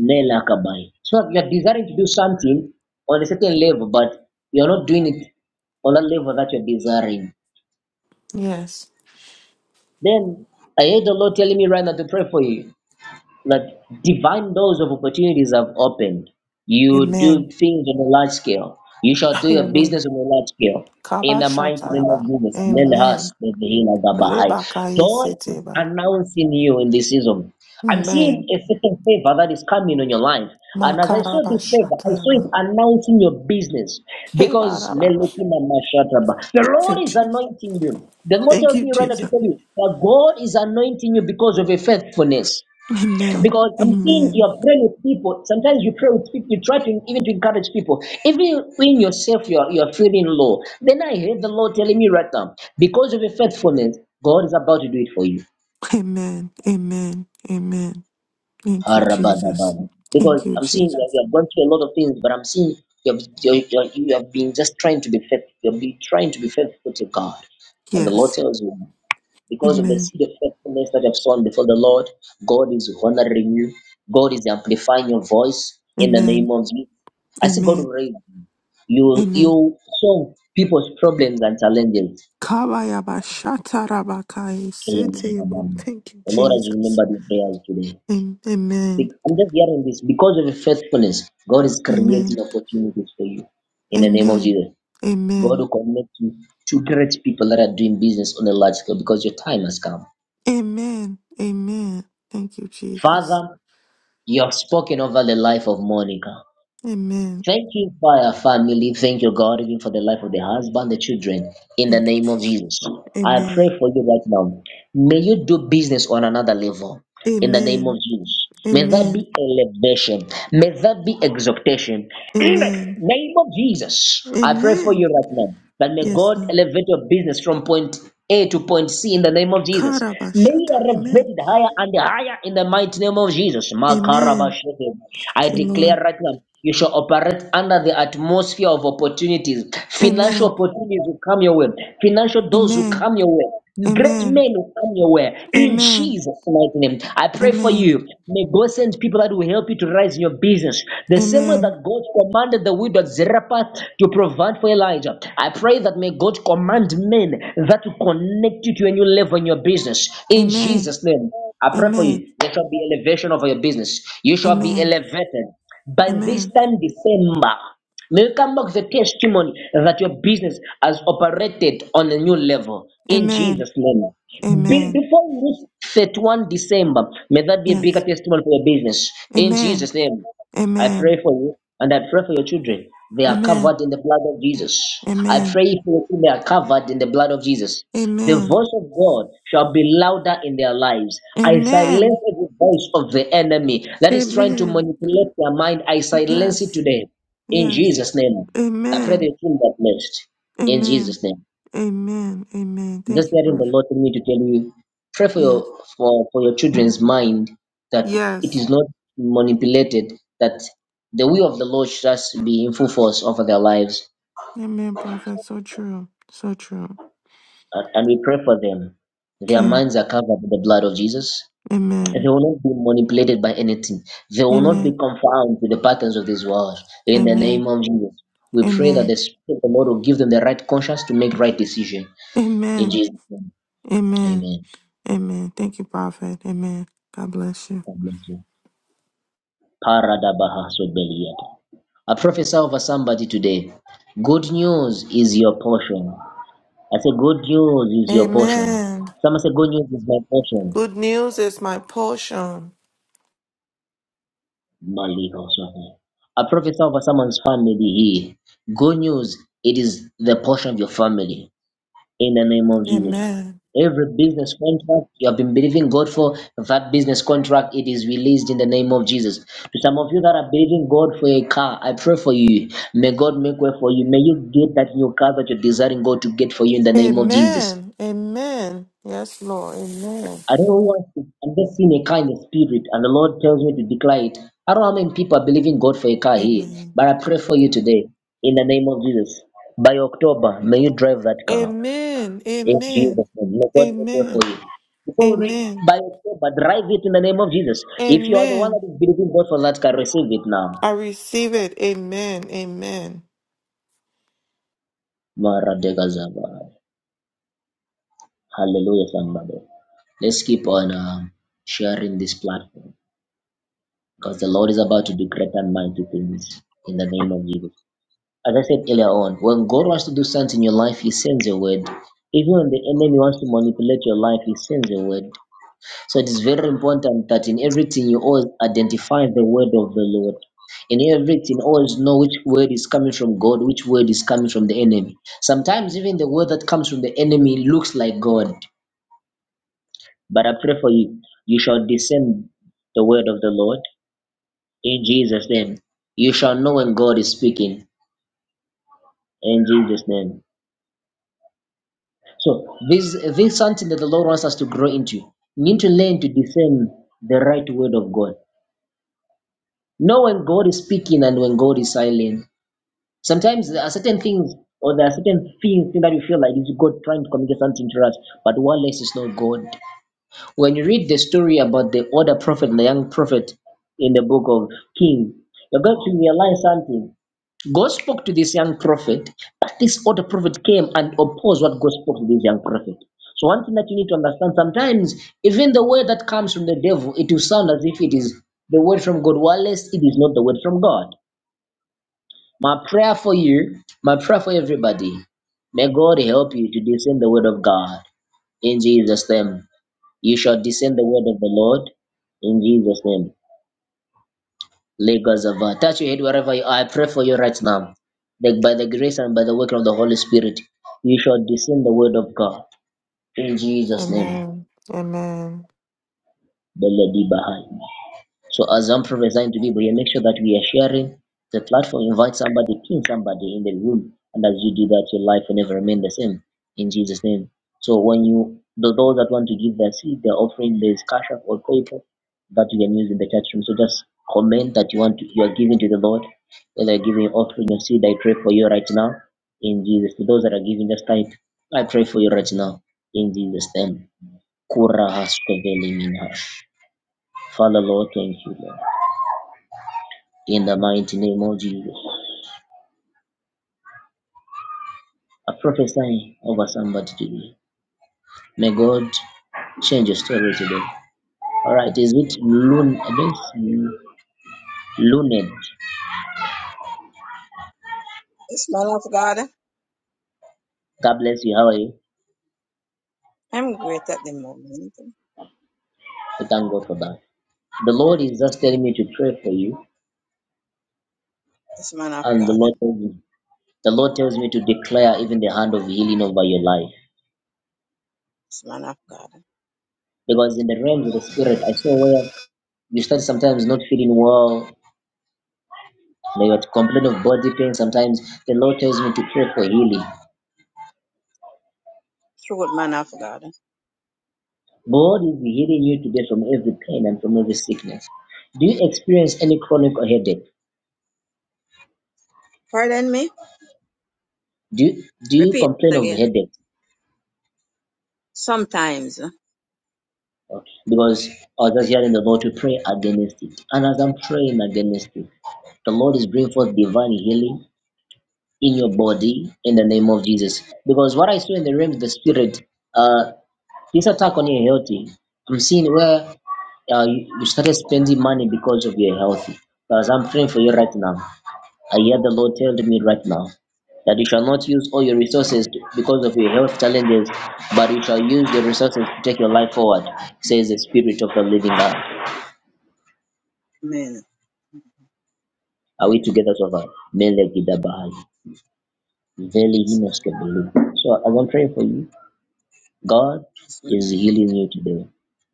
Speaker 1: Nelakabai. So you're desiring to do something on a certain level, but you're not doing it on that level that you're desiring.
Speaker 5: Yes.
Speaker 1: Then I heard the Lord telling me right now to pray for you. that divine doors of opportunities have opened. You do
Speaker 5: Amen.
Speaker 1: things on a large scale. You shall do your
Speaker 5: Hallelujah.
Speaker 1: business on a large scale. In
Speaker 5: Kaba
Speaker 1: the mighty name of
Speaker 5: Shataraba.
Speaker 1: Jesus, let us
Speaker 5: Amen.
Speaker 1: be the healer of the Baha'i.
Speaker 5: Rebaka
Speaker 1: God is
Speaker 5: Yesiteba.
Speaker 1: announcing you in this season. I'm seeing
Speaker 5: Amen.
Speaker 1: a certain favor that is coming on your life. And as I saw this favor, I saw it
Speaker 5: Makaraba
Speaker 1: announcing your business because
Speaker 5: Kebaraba.
Speaker 1: Melekina Mashataba. The
Speaker 5: Thank you,
Speaker 1: Lord is
Speaker 5: Jesus.
Speaker 1: anointing you. The Lord
Speaker 5: Thank
Speaker 1: tells
Speaker 5: you,
Speaker 1: me right now to
Speaker 5: Jesus.
Speaker 1: tell you that God is anointing you because of your faithfulness
Speaker 5: Amen.
Speaker 1: because I'm seeing
Speaker 5: Amen.
Speaker 1: you're praying with people. Sometimes you pray with people, you try to even to encourage people. Even when yourself you're you're feeling low. Then I heard the Lord telling me right now, because of your faithfulness, God is about to do it for you.
Speaker 5: Amen. Amen. Amen. Thank you, Jesus.
Speaker 1: Arabadabada.
Speaker 5: Thank
Speaker 1: Because
Speaker 5: you,
Speaker 1: I'm seeing that
Speaker 5: Jesus.
Speaker 1: you have gone through a lot of things, but I'm seeing you have you, you, you have been just trying to be faithful. You've been trying to be faithful to God, and the Lord
Speaker 5: Yes.
Speaker 1: tells you. because of the
Speaker 5: Amen.
Speaker 1: seed of faithfulness that you have sown before the Lord, God is honoring you. God is amplifying your voice in the
Speaker 5: Amen.
Speaker 1: name of Jesus. I see God
Speaker 5: Amen.
Speaker 1: raise you. You
Speaker 5: Amen.
Speaker 1: you solve people's problems and challenges.
Speaker 5: Kabayaba shatarabakai setebo.
Speaker 1: Amen.
Speaker 5: Thank you,
Speaker 1: The Lord has
Speaker 5: Jesus.
Speaker 1: remembered your prayers today.
Speaker 5: Am- Amen.
Speaker 1: Be- I'm just hearing this because of your faithfulness. God is creating
Speaker 5: Amen.
Speaker 1: opportunities for you in the name of
Speaker 5: Amen.
Speaker 1: Jesus. God
Speaker 5: Amen.
Speaker 1: will connect you to great people that are doing business on a large scale because your time has come.
Speaker 5: Amen. Amen. Thank you, Jesus.
Speaker 1: Father, You have spoken over the life of Monica.
Speaker 5: Amen.
Speaker 1: Thank you, fire family. Thank you, God, even for the life of the husband, the children, in the
Speaker 5: Thank you,
Speaker 1: name of
Speaker 5: Jesus.
Speaker 1: Jesus. I pray
Speaker 5: Amen.
Speaker 1: for you right now. May you do business on another level, in the name of
Speaker 5: Amen.
Speaker 1: Jesus. May that
Speaker 5: Amen.
Speaker 1: be elevation. May that be exaltation. In the
Speaker 5: Amen.
Speaker 1: Name of Jesus, I pray for you
Speaker 5: Amen.
Speaker 1: right now. That may
Speaker 5: Yes,
Speaker 1: God
Speaker 5: Lord.
Speaker 1: elevate your business from point A to point C in the name of Jesus. May you
Speaker 5: Karabashata. Amen.
Speaker 1: elevate elevated higher and higher in the mighty name of Jesus.
Speaker 5: Amen.
Speaker 1: Makarabashete. I
Speaker 5: Thank you,
Speaker 1: declare
Speaker 5: Lord.
Speaker 1: right now, you shall operate under the atmosphere of opportunities. Financial
Speaker 5: Amen.
Speaker 1: opportunities will come your way. Financial doors will
Speaker 5: Amen.
Speaker 1: come your way. Great
Speaker 5: Amen.
Speaker 1: men will come your way in
Speaker 5: Amen.
Speaker 1: Jesus' mighty name. I pray for
Speaker 5: Amen.
Speaker 1: you. May God send people that will help you to rise in your business. The same way
Speaker 5: Amen.
Speaker 1: that God commanded the widow at Zarephath to provide for Elijah. I pray that may God command men that will connect you to a new level in your business. In
Speaker 5: Amen.
Speaker 1: Jesus' name, I pray for
Speaker 5: Amen.
Speaker 1: you. There shall be elevation over your business. You shall be
Speaker 5: Amen.
Speaker 1: elevated by this
Speaker 5: Amen.
Speaker 1: time December. May you come back with a testimony that your business has operated on a new level in
Speaker 5: Amen.
Speaker 1: Jesus' name. Be-
Speaker 5: Amen.
Speaker 1: before you reach 31 December, may that be a bigger
Speaker 5: Yes.
Speaker 1: testimony for your business in
Speaker 5: Amen.
Speaker 1: Jesus' name. I
Speaker 5: Amen.
Speaker 1: pray for you and I pray for your children. They are
Speaker 5: Amen.
Speaker 1: covered in the blood of Jesus. I
Speaker 5: Amen.
Speaker 1: pray for your children, they are covered in the blood of Jesus. The
Speaker 5: Amen.
Speaker 1: voice of God shall be louder in their lives. I silence
Speaker 5: Amen.
Speaker 1: every voice of the enemy that is trying to
Speaker 5: Amen.
Speaker 1: manipulate their mind. I silence it
Speaker 5: Yes.
Speaker 1: today. In
Speaker 5: Yes.
Speaker 1: Jesus' name, I pray
Speaker 5: Amen.
Speaker 1: that you that next. In
Speaker 5: Amen.
Speaker 1: Jesus' name.
Speaker 5: Amen. Amen.
Speaker 1: I'm Just
Speaker 5: Thank you,
Speaker 1: hearing the
Speaker 5: Prophet.
Speaker 1: Lord tell me to tell you, pray for your
Speaker 5: Yes.
Speaker 1: for, for your children's mind that it
Speaker 5: Yes.
Speaker 1: is not manipulated, that the will of the Lord should just be in full force over their lives.
Speaker 5: Amen, Prophet. So true. So true.
Speaker 1: And and we pray for them. Their
Speaker 5: Okay.
Speaker 1: minds are covered with the blood of Jesus. They
Speaker 5: Amen.
Speaker 1: will not be manipulated by anything. They will not be
Speaker 5: Amen.
Speaker 1: confounded with the patterns of this world. In the name
Speaker 5: Amen.
Speaker 1: of Jesus, we pray that
Speaker 5: Amen.
Speaker 1: the Spirit of the Lord will give them the right conscience to make right decision In
Speaker 5: Amen.
Speaker 1: Jesus' name,
Speaker 5: Amen.
Speaker 1: amen.
Speaker 5: Amen. Thank you, Prophet. Amen. God bless you.
Speaker 1: God bless you. Paradabaha sobeliata. I prophesy over somebody today. Good news is your portion. I say, good news is your portion.
Speaker 5: Amen.
Speaker 1: Someone say, good news is my portion.
Speaker 5: Good news is my portion.
Speaker 1: Maliho Swahi. I prophesy over someone's family here. Good news, it is the portion of your family. in the name of Jesus.
Speaker 5: Amen.
Speaker 1: Every business contract you have been believing God for, that business contract, it is released in the name of Jesus. To some of you that are believing God for a car, I pray for you. May God make way for you. May you get that new car that you're desiring God to get for you in the name of Jesus.
Speaker 5: Amen. Amen. Yes, Lord. Amen.
Speaker 1: I don't want to, I'm just seeing a kind of spirit, and the Lord tells me to declare it. I don't know how many people are believing God for a car here,
Speaker 5: Amen.
Speaker 1: but I pray for you today in the name of Jesus. By October, may you drive that car.
Speaker 5: Amen.
Speaker 1: In
Speaker 5: Amen.
Speaker 1: Jesus' name. May God make way for
Speaker 5: Amen.
Speaker 1: you. Before we read
Speaker 5: Amen.
Speaker 1: by yourself, but drive it in the name of Jesus. If you are the one
Speaker 5: Amen.
Speaker 1: that is believing God for that, can receive it now.
Speaker 5: I receive it. Amen. Amen.
Speaker 1: Maradegazaba. Hallelujah, somebody. Let's keep on um, sharing this platform because the Lord is about to do great and mighty things in the name of Jesus. As I said earlier on, when God wants to do something in your life, He sends a word. Even when the enemy wants to manipulate your life, He sends a word. So it is very important that in everything you always identify the word of the Lord. In everything, always know which word is coming from God, which word is coming from the enemy. Sometimes even the word that comes from the enemy looks like God. But I pray for you, you shall discern the word of the Lord in Jesus' name. You shall know when God is speaking in Jesus' name. So this this is something that the Lord wants us to grow into. We need to learn to discern the right word of God. Know when God is speaking and when God is silent. Sometimes there are certain things or there are certain things that you feel like it's God trying to communicate something to us, but one less is not God. When you read the story about the other prophet and the young prophet in the book of King, you're going to realize something. God spoke to this young prophet, but this other prophet came and opposed what God spoke to this young prophet. So one thing that you need to understand sometimes, even the word that comes from the devil, it will sound as if it is the word from God, whilst it is not the word from God. My prayer for you, my prayer for everybody, may God help you to discern the word of God in Jesus' name. You shall descend the word of the Lord in Jesus' name. Legazava. Touch your head wherever you are. I pray for you right now. That by the grace and by the working of the Holy Spirit, you shall descend the word of God in Jesus' name.
Speaker 5: Amen. Amen.
Speaker 1: Beledi Bahai. So as I'm prophesying to people, you make sure that we are sharing the platform. Invite somebody, pin somebody in the room, and as you do that, your life will never remain the same. In Jesus' name. So when you the, those that want to give their seed, their offering, there's cash app or paper that you can use in the chat room. So just comment that you want to, you are giving to the Lord, whether you're giving offering or seed. I pray for you right now in Jesus. To those that are giving, just type I pray for you right now in Jesus' name. Kura has Father Lord, thank you, Lord in the mighty name of Jesus. I prophesy over somebody today. May God change your story today. All right, is it Loon? I think Luned.
Speaker 6: This man of God,
Speaker 1: God bless you. How are you?
Speaker 6: I'm great at the moment.
Speaker 1: I thank God for that. The Lord is just telling me to pray for you,
Speaker 6: This man of
Speaker 1: and the
Speaker 6: God,
Speaker 1: Lord
Speaker 6: this
Speaker 1: tells me, the Lord tells me to declare even the hand of healing over your life.
Speaker 6: man of God,
Speaker 1: Because in the realms of the spirit, I saw where you start sometimes not feeling well, may you complain of body pain. Sometimes the Lord tells me to pray for healing.
Speaker 6: true man of God.
Speaker 1: God is healing you today from every pain and from every sickness. Do you experience any chronic or headache?
Speaker 6: Pardon me?
Speaker 1: Do you, do you
Speaker 6: Repeat
Speaker 1: complain
Speaker 6: it
Speaker 1: of
Speaker 6: again.
Speaker 1: headache?
Speaker 6: Sometimes.
Speaker 1: Okay. Because I was just hearing the Lord to pray against it. And as I'm praying against it, the Lord is bringing forth divine healing in your body in the name of Jesus. Because what I saw in the realm of the spirit, uh, this attack on your healthy. I'm seeing where uh, you, you started spending money because of your health. Because I'm praying for you right now. I hear the Lord tell me right now that you shall not use all your resources because of your health challenges, but you shall use your resources to take your life forward, says the Spirit of the Living God.
Speaker 6: Amen.
Speaker 1: Are we together, Tova? Mele gidabahai. Veli
Speaker 6: This man,
Speaker 1: hinoskebelu. So I want to pray for you. God
Speaker 6: this
Speaker 1: is
Speaker 6: man.
Speaker 1: healing you today,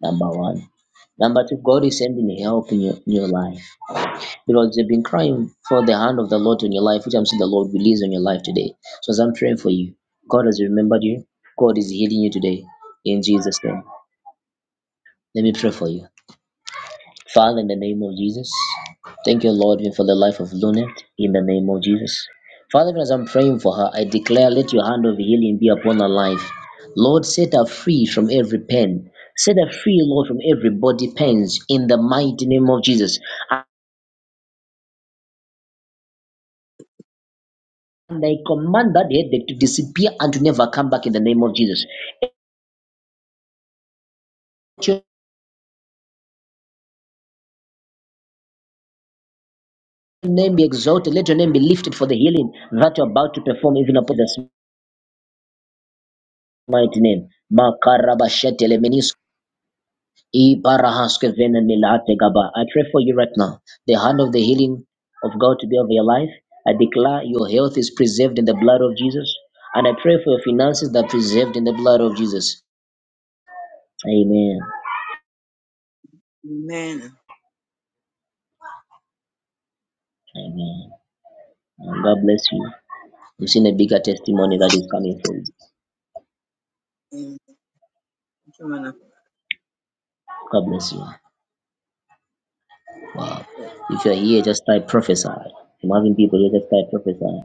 Speaker 1: number one. Number two, God is sending help in your, in your life. You know, you've been crying for the hand of the Lord on your life, which I'm seeing the Lord release on your life today. So as I'm praying for you, God has remembered you. God is healing you today in Jesus' name. Let me pray for you. Father, in the name of Jesus, thank you, Lord, even for the life of Luna in the name of Jesus. Father, even as I'm praying for her, I declare let your hand of healing be upon her life. Lord, set her free from every pain. Set her free, Lord, from every body pains in the mighty name of Jesus. And I command that headache to disappear and to never come back in the name of Jesus. Let your name be exalted. Let your name be lifted for the healing that you're about to perform even upon this mighty name. Makarabashetelemenis, Ibarahaskevenenilategaba. I pray for you right now. The hand of the healing of God to be over your life. I declare your health is preserved in the blood of Jesus. And I pray for your finances that are preserved in the blood of Jesus. Amen.
Speaker 6: Amen.
Speaker 1: Amen. And God bless you. i have seen a bigger
Speaker 6: Amen.
Speaker 1: testimony that is coming from. it.
Speaker 6: Amen. Thank you, man of
Speaker 1: God bless you.
Speaker 6: God.
Speaker 1: If you're here, just type prophesy. I'm having people here, just type prophesy.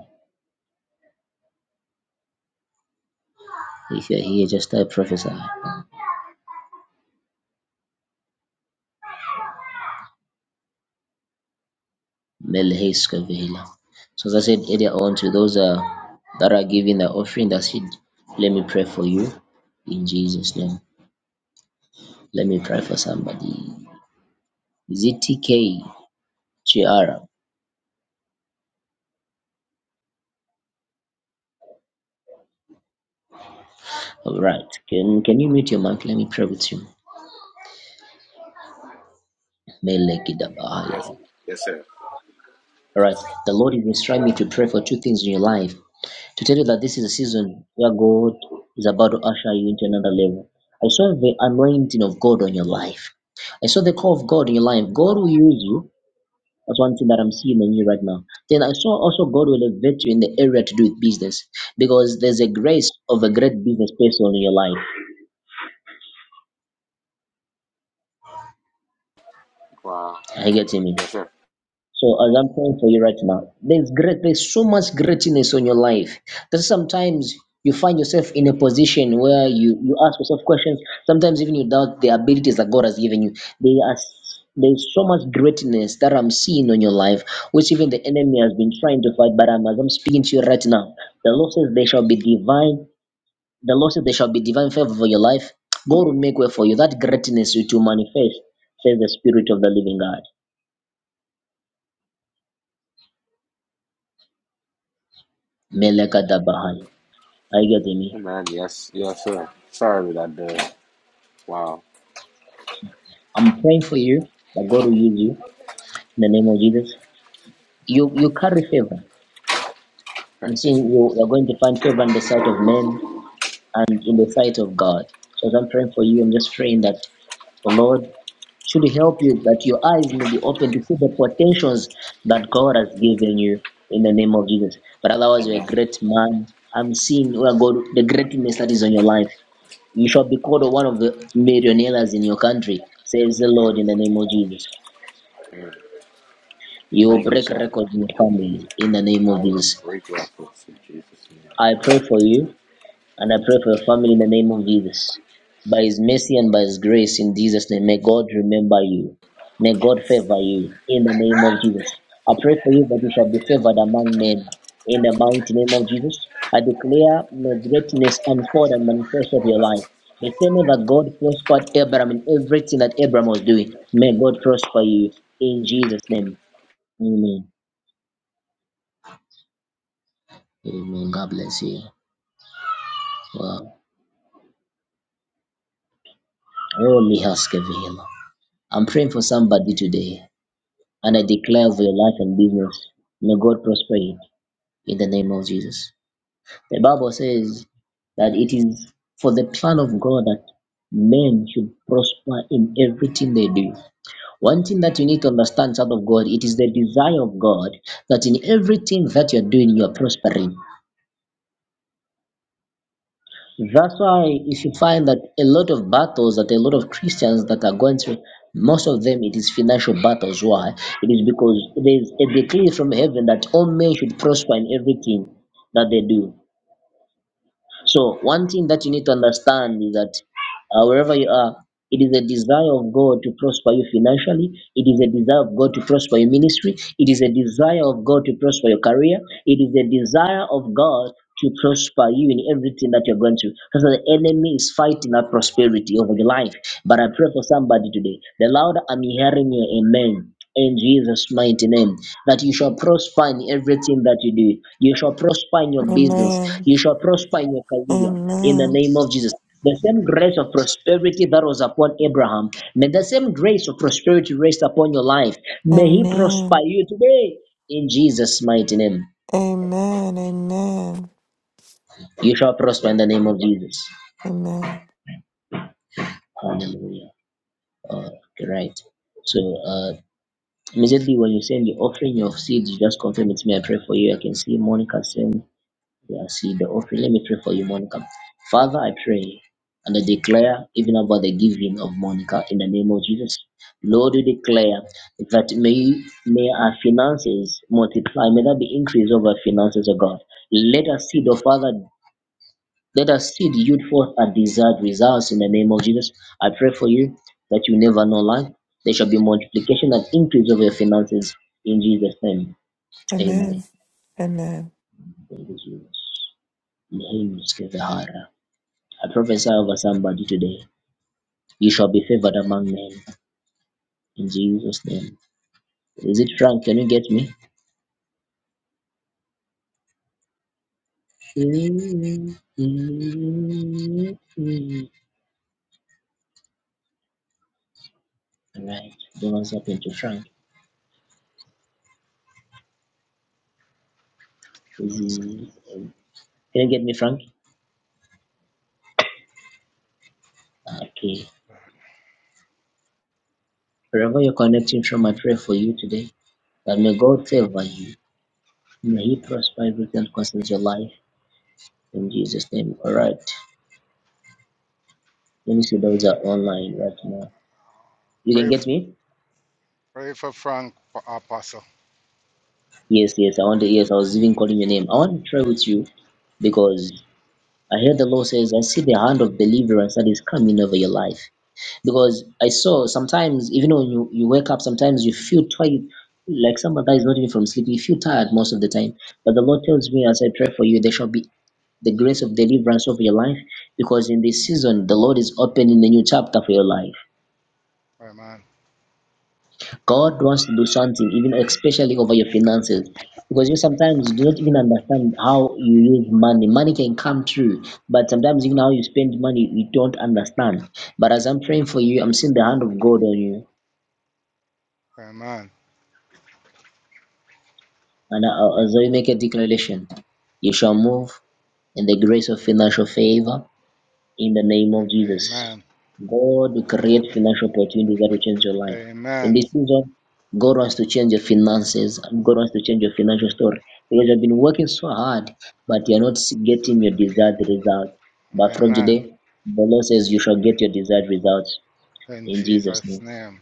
Speaker 1: If you're here, just type prophesy. Melheska Vela. So as I said earlier on, to those uh, that are giving the offering, that's it. Let me pray for you in Jesus' name. Let me pray for somebody. ZTK Chiara. All right. Can can you mute your mic? Let me pray with you. Meleki
Speaker 7: Yes, yes, sir.
Speaker 1: All right. The Lord is instructing me to pray for two things in your life. to tell you that this is a season where God is about to usher you into another level. I saw the anointing of God on your life. I saw the call of God in your life. God will use you. That's one thing that I'm seeing in you right now. Then I saw also God will elevate you in the area to do with business because there's a grace of a great business person in your life.
Speaker 7: Wow.
Speaker 1: Are you getting me?
Speaker 7: Yes, sir.
Speaker 1: So as I'm praying for you right now, there's great, there's so much greatness on your life that sometimes you find yourself in a position where you you ask yourself questions. Sometimes even you doubt the abilities that God has given you. They are s- there's so much greatness that I'm seeing on your life, which even the enemy has been trying to fight. But I'm, as I'm speaking to you right now, the Lord says there shall be divine. The Lord says there shall be divine favor for your life. God will make way for you. That greatness will to manifest, says the Spirit of the Living God. Meleka Are you getting me?
Speaker 7: Amen. Yes, yes, sir. Sorry for that, dude. Wow.
Speaker 1: I'm praying for you that God will use you in the name of Jesus. You you carry favor. I'm seeing
Speaker 7: Amen.
Speaker 1: you you're going to find favor in the sight of men and in the sight of God. So as I'm praying for you, I'm just praying that the Lord should help you that your eyes may be open to see the potentials that God has given you in the name of Jesus. But otherwise you're a
Speaker 7: Amen.
Speaker 1: great man. I'm seeing where God the greatness that is on your life. You shall be called one of the millionaires in your country, says the
Speaker 7: All
Speaker 1: Lord
Speaker 7: right,
Speaker 1: in the name of
Speaker 7: yeah.
Speaker 1: Jesus.
Speaker 7: Amen.
Speaker 1: You will
Speaker 7: Thank you,
Speaker 1: break
Speaker 7: sir.
Speaker 1: records in your family in the name of
Speaker 7: I will
Speaker 1: Jesus.
Speaker 7: break records in Jesus' name.
Speaker 1: I pray for you and I pray for your family in the name of Jesus. By His mercy and by His grace in Jesus' name, may God remember you. May God favor you in the name of Jesus. I pray for you that you shall be favored among men in the mighty name of Jesus. I declare may greatness unfold and manifest of your life. The same way that God prospered Abraham in everything that Abraham was doing, may God prosper you in Jesus' name. Amen. Amen. God bless you. Wow. Oh, Mihas I'm praying for somebody today, and I declare over your life and business, may God prosper you in the name of Jesus. The Bible says that it is for the plan of God that men should prosper in everything they do. One thing that you need to understand, child of God, it is the desire of God that in everything that you're doing, you're prospering. That's why if you find that a lot of battles that a lot of Christians that are going through, most of them it is financial battles. Why? It is because there is a decree from heaven that all men should prosper in everything that they do. So one thing that you need to understand is that uh, wherever you are. It is a desire of God to prosper you financially. It is a desire of God to prosper your ministry. It is a desire of God to prosper your career. It is a desire of God to prosper you in everything that you're going through. Because the enemy is fighting that prosperity over your life. But I pray for somebody today. The louder I'm hearing your amen in Jesus' mighty name, that you shall prosper in everything that you do. You shall prosper in your business.
Speaker 5: Amen.
Speaker 1: You shall prosper in your career. In the
Speaker 5: Amen.
Speaker 1: name of Jesus. The same grace of prosperity that was upon Abraham, may the same grace of prosperity rest upon your life. May He prosper
Speaker 5: Amen.
Speaker 1: you today in Jesus' mighty name.
Speaker 5: Amen. Amen.
Speaker 1: You shall prosper in the name of Jesus.
Speaker 5: Amen.
Speaker 1: Hallelujah. Uh, Okay, right. So, uh, immediately when you send the offering, of seeds, you just confirm it's me. I pray for you. I can see Monica saying. We Yeah, see the offering. Let me pray for you, Monica. Father, I pray and I declare even about the giving of Monica in the name of Jesus. Lord, we declare that may may our finances multiply, may there be increase of our finances, O God. Let us see the Father, let us see the youth forth and desired results in the name of Jesus. I pray for you that you never know lack. There shall be multiplication and increase of your finances in Jesus' name. Amen.
Speaker 5: Amen. Amen.
Speaker 1: Thank you, Jesus. In Jesus' name, we pray. I prophesy over somebody today. You shall be favored among men in Jesus' name. Is it Frank? Can you get me? Alright, don't what's happened to Frank. Is he, can you get me, Frank? Okay. Wherever you're connecting from, I pray for you today that may God favor you. May He prosper everything that concerns your life in Jesus' name. All right. Let me see those are online right now. You
Speaker 8: Pray,
Speaker 1: can get me?
Speaker 8: pray for Frank, for Apostle.
Speaker 1: Yes, yes, I want to, yes, I was even calling your name. I want to try with you because I heard the Lord says, I see the hand of deliverance that is coming over your life. Because I saw sometimes, even when you, you wake up, sometimes you feel tired, like someone that is not even from sleep, you feel tired most of the time. But the Lord tells me, as I pray for you, there shall be the grace of deliverance over your life because in this season, the Lord is opening a new chapter for your life.
Speaker 8: Amen.
Speaker 1: God wants to do something, even especially over your finances. Because you sometimes do not even understand how you use money. Money can come through, but sometimes even how you spend money, you don't understand. But as I'm praying for you, I'm seeing the hand of God on you.
Speaker 8: Amen.
Speaker 1: And uh, as I make a declaration, you shall move in the grace of financial favor in the name of Jesus.
Speaker 8: Amen.
Speaker 1: God will create financial opportunities that will change your life. In this
Speaker 8: Amen.
Speaker 1: season, God wants to change your finances and God wants to change your financial story because you've been working so hard, but you're not getting your desired result. But from
Speaker 8: Amen.
Speaker 1: today, the Lord says you shall get your desired results
Speaker 8: In
Speaker 1: in Jesus'
Speaker 8: Jesus'
Speaker 1: name.
Speaker 8: name.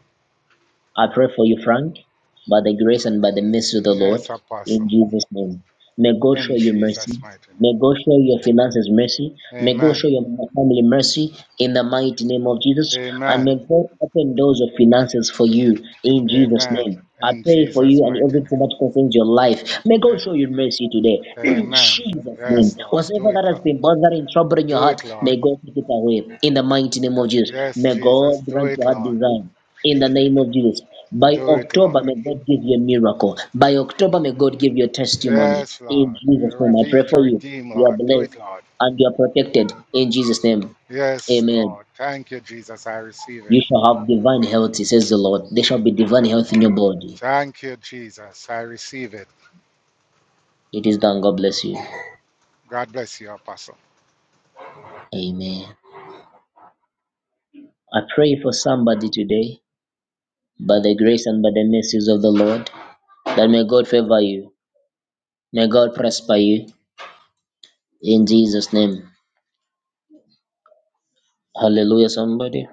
Speaker 1: I pray for you, Frank, by the grace and by the mercy of the Lord,
Speaker 8: Yes,
Speaker 1: in
Speaker 8: Apostle.
Speaker 1: Jesus' name. May God show
Speaker 8: In
Speaker 1: you mercy.
Speaker 8: Jesus' mighty name.
Speaker 1: May God show your finances mercy. May God
Speaker 8: Amen.
Speaker 1: show your family mercy in the mighty name of Jesus. And
Speaker 8: Amen.
Speaker 1: may God open doors of finances for you in Jesus'
Speaker 8: Amen.
Speaker 1: name. I
Speaker 8: In
Speaker 1: pray for you
Speaker 8: Jesus'
Speaker 1: and
Speaker 8: mighty
Speaker 1: everything
Speaker 8: name.
Speaker 1: that concerns your life. May God show you mercy today. [clears throat] In
Speaker 8: Amen.
Speaker 1: Jesus' name.
Speaker 8: Yes, Lord.
Speaker 1: Whatever
Speaker 8: Do it,
Speaker 1: that has
Speaker 8: Lord.
Speaker 1: been bothering, troubling your
Speaker 8: Do
Speaker 1: heart,
Speaker 8: it, Lord.
Speaker 1: may God take it away. In the mighty name of Jesus.
Speaker 8: Yes,
Speaker 1: May God
Speaker 8: Jesus. Do
Speaker 1: grant
Speaker 8: it,
Speaker 1: your heart
Speaker 8: Lord.
Speaker 1: desire in the name of Jesus. By
Speaker 8: Do it,
Speaker 1: October,
Speaker 8: Lord.
Speaker 1: may God give you a miracle. By October, may God give you a testimony.
Speaker 8: Yes,
Speaker 1: In
Speaker 8: Lord.
Speaker 1: Jesus' name, I
Speaker 8: Reveal
Speaker 1: pray
Speaker 8: to
Speaker 1: for you.
Speaker 8: redeem,
Speaker 1: You are
Speaker 8: Lord. Do it,
Speaker 1: blessed
Speaker 8: Lord.
Speaker 1: and you are protected. In Jesus' name,
Speaker 8: Yes,
Speaker 1: amen.
Speaker 8: Lord. Thank you, Jesus. I receive it.
Speaker 1: You shall have divine health, says the Lord. There shall be divine
Speaker 8: Th-
Speaker 1: health in your body.
Speaker 8: Thank you, Jesus. I receive it.
Speaker 1: It is done. God bless you.
Speaker 8: God bless you, Apostle.
Speaker 1: Amen. I pray for somebody today, by the grace and by the mercies of the Lord, that may God favor you. May God prosper you. In Jesus' name. Hallelujah, somebody.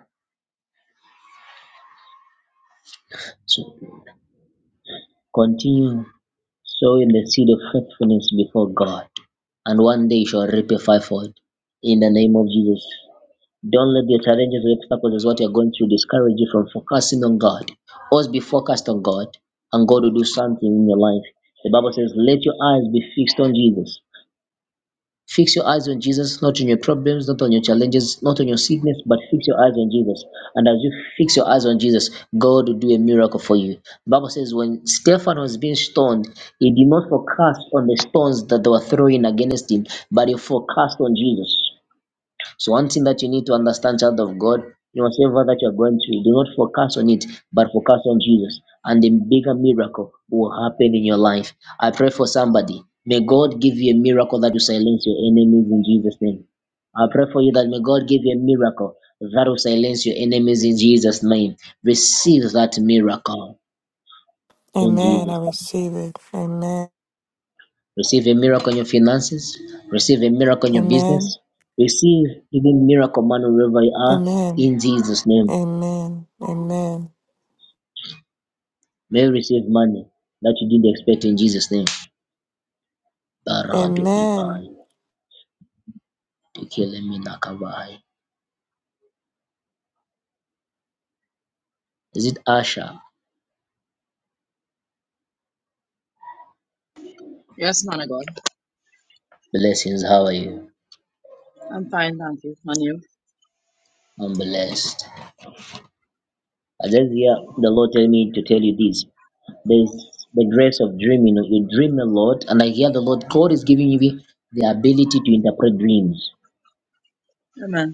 Speaker 1: So Continue sowing the seed of faithfulness before God, and one day you shall reap a fivefold in the name of Jesus. Don't let the challenges or obstacles as what you're going through discourage you from focusing on God. Always be focused on God, and God will do something in your life. The Bible says, Let your eyes be fixed on Jesus. Fix your eyes on Jesus, not on your problems, not on your challenges, not on your sickness, but fix your eyes on Jesus. And as you fix your eyes on Jesus, God will do a miracle for you. Bible says when Stephen was being stoned, he did not focus on the stones that they were throwing against him, but he focused on Jesus. So one thing that you need to understand, child of God, in whatever that you're going through, do not focus on it, but focus on Jesus. And the bigger miracle will happen in your life. I pray for somebody. May God give you a miracle that will silence your enemies in Jesus' name. I pray for you that may God give you a miracle that will silence your enemies in Jesus' name. Receive that miracle in
Speaker 5: Amen. I
Speaker 1: Jesus' name.
Speaker 5: receive it. Amen.
Speaker 1: Receive a miracle in your finances. Receive a miracle in your
Speaker 5: Amen.
Speaker 1: business. Receive even miracle man wherever you are
Speaker 5: Amen.
Speaker 1: in Jesus' name.
Speaker 5: Amen. Amen.
Speaker 1: May receive money that you didn't expect in Jesus' name. Barado
Speaker 5: Amen.
Speaker 1: Ivai, Tekelemina Kavai. Is it Asha?
Speaker 9: Yes, man of God.
Speaker 1: Blessings, how are you?
Speaker 9: I'm fine, thank you. And you?
Speaker 1: I'm blessed. I just hear the Lord tell me to tell you this. There's the grace of dreaming. You dream a lot, and I hear the Lord, God is giving you the ability to interpret dreams.
Speaker 9: Amen.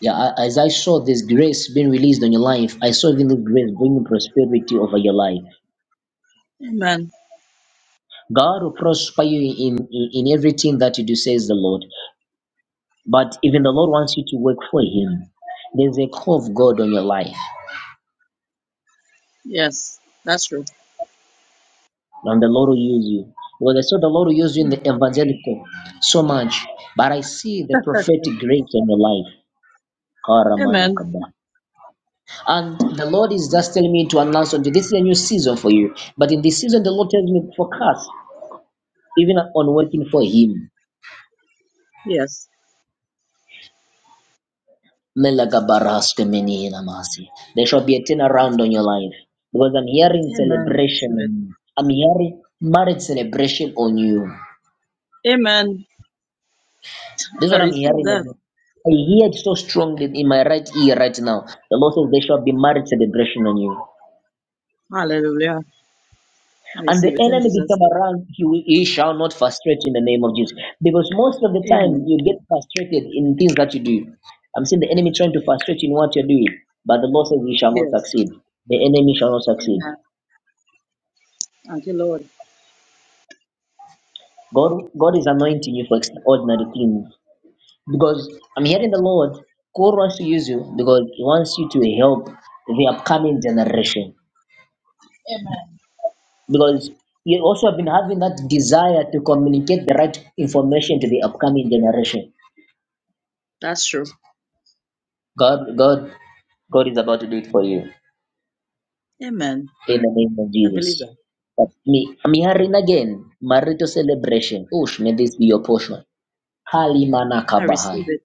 Speaker 1: Yeah, I- as I saw this grace being released on your life, I saw even this grace bringing prosperity over your life.
Speaker 9: Amen.
Speaker 1: God will prosper you in, in, in everything that you do, says the Lord. But even the Lord wants you to work for Him. There's a call of God on your life,
Speaker 9: Yes, that's true.
Speaker 1: and the Lord will use you. Well, I saw the Lord will use
Speaker 9: [laughs]
Speaker 1: you in the evangelical so much, but I see the prophetic grace on your life. Karamana
Speaker 9: Amen.
Speaker 1: kaba. And the Lord is just telling me to announce unto you, this is a new season for you. But in this season, the Lord tells me to focus even on working for Him.
Speaker 9: Yes.
Speaker 1: Melagabaraske mini namasi. There shall be a turnaround on your life because I'm hearing
Speaker 9: Amen. I
Speaker 1: celebration.
Speaker 9: receive
Speaker 1: on
Speaker 9: it.
Speaker 1: you. I'm hearing marriage celebration on you.
Speaker 9: Amen.
Speaker 1: This
Speaker 9: [laughs]
Speaker 1: is
Speaker 9: I
Speaker 1: what I'm
Speaker 9: receive
Speaker 1: hearing
Speaker 9: that.
Speaker 1: again. I hear it so strongly in my right ear right now. The Lord says there shall be marriage celebration on you.
Speaker 9: Hallelujah. I
Speaker 1: And the
Speaker 9: receive it in
Speaker 1: enemy this
Speaker 9: Jesus'
Speaker 1: time
Speaker 9: name.
Speaker 1: around, he, will- he shall not frustrate you in the name of Jesus. Because most of the time,
Speaker 9: Amen.
Speaker 1: you get frustrated in things that you do. I'm seeing the enemy trying to frustrate you in what you're doing. But the Lord says he shall not
Speaker 9: Yes.
Speaker 1: succeed. The enemy shall not succeed.
Speaker 9: Amen. Thank you, Lord.
Speaker 1: God, God is anointing you for extraordinary things because I'm hearing the Lord. God wants to use you because He wants you to help the upcoming generation
Speaker 9: Amen.
Speaker 1: because you also have been having that desire to communicate the right information to the upcoming generation.
Speaker 9: That's true.
Speaker 1: God, God, God is about to do it for you
Speaker 9: Amen.
Speaker 1: in the name of
Speaker 9: I believe
Speaker 1: Jesus.
Speaker 9: that.
Speaker 1: But me, I'm hearing again marital celebration. Ush, may this be your portion. Kalimana
Speaker 9: I receive
Speaker 1: kabahai.
Speaker 9: it.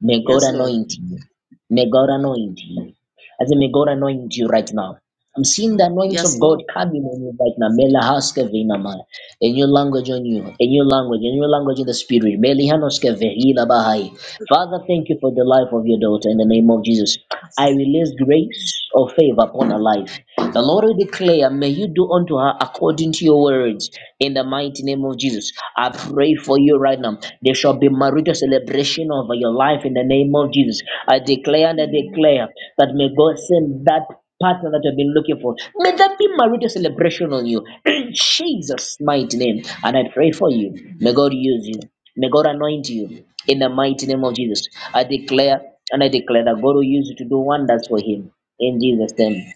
Speaker 1: May God
Speaker 9: Yes, Lord.
Speaker 1: anoint you. May God anoint you. I say, may God anoint you right now. I'm seeing the
Speaker 9: Amen.
Speaker 1: anointing
Speaker 9: Yes,
Speaker 1: of God
Speaker 9: Lord.
Speaker 1: coming on you right now. Mela haske vina maya a new language on you, a new language, a new language in the spirit. Belihanoske vehila bahai. Father, thank you for the life of your daughter in the name of Jesus. I
Speaker 9: Yes.
Speaker 1: release grace or favor upon her life. The Lord will declare, may you do unto her according to your words in the mighty name of Jesus. I pray for you right now. There shall be marital celebration over your life in the name of Jesus. I declare and I
Speaker 9: Amen.
Speaker 1: declare that may God send that partner that you've been looking for. May that be marital celebration on you in Jesus' mighty name. And I pray for you. May God
Speaker 9: Amen.
Speaker 1: use you. May God anoint you in the mighty name of Jesus. I declare and I declare that God will use you to do wonders for Him in Jesus' name.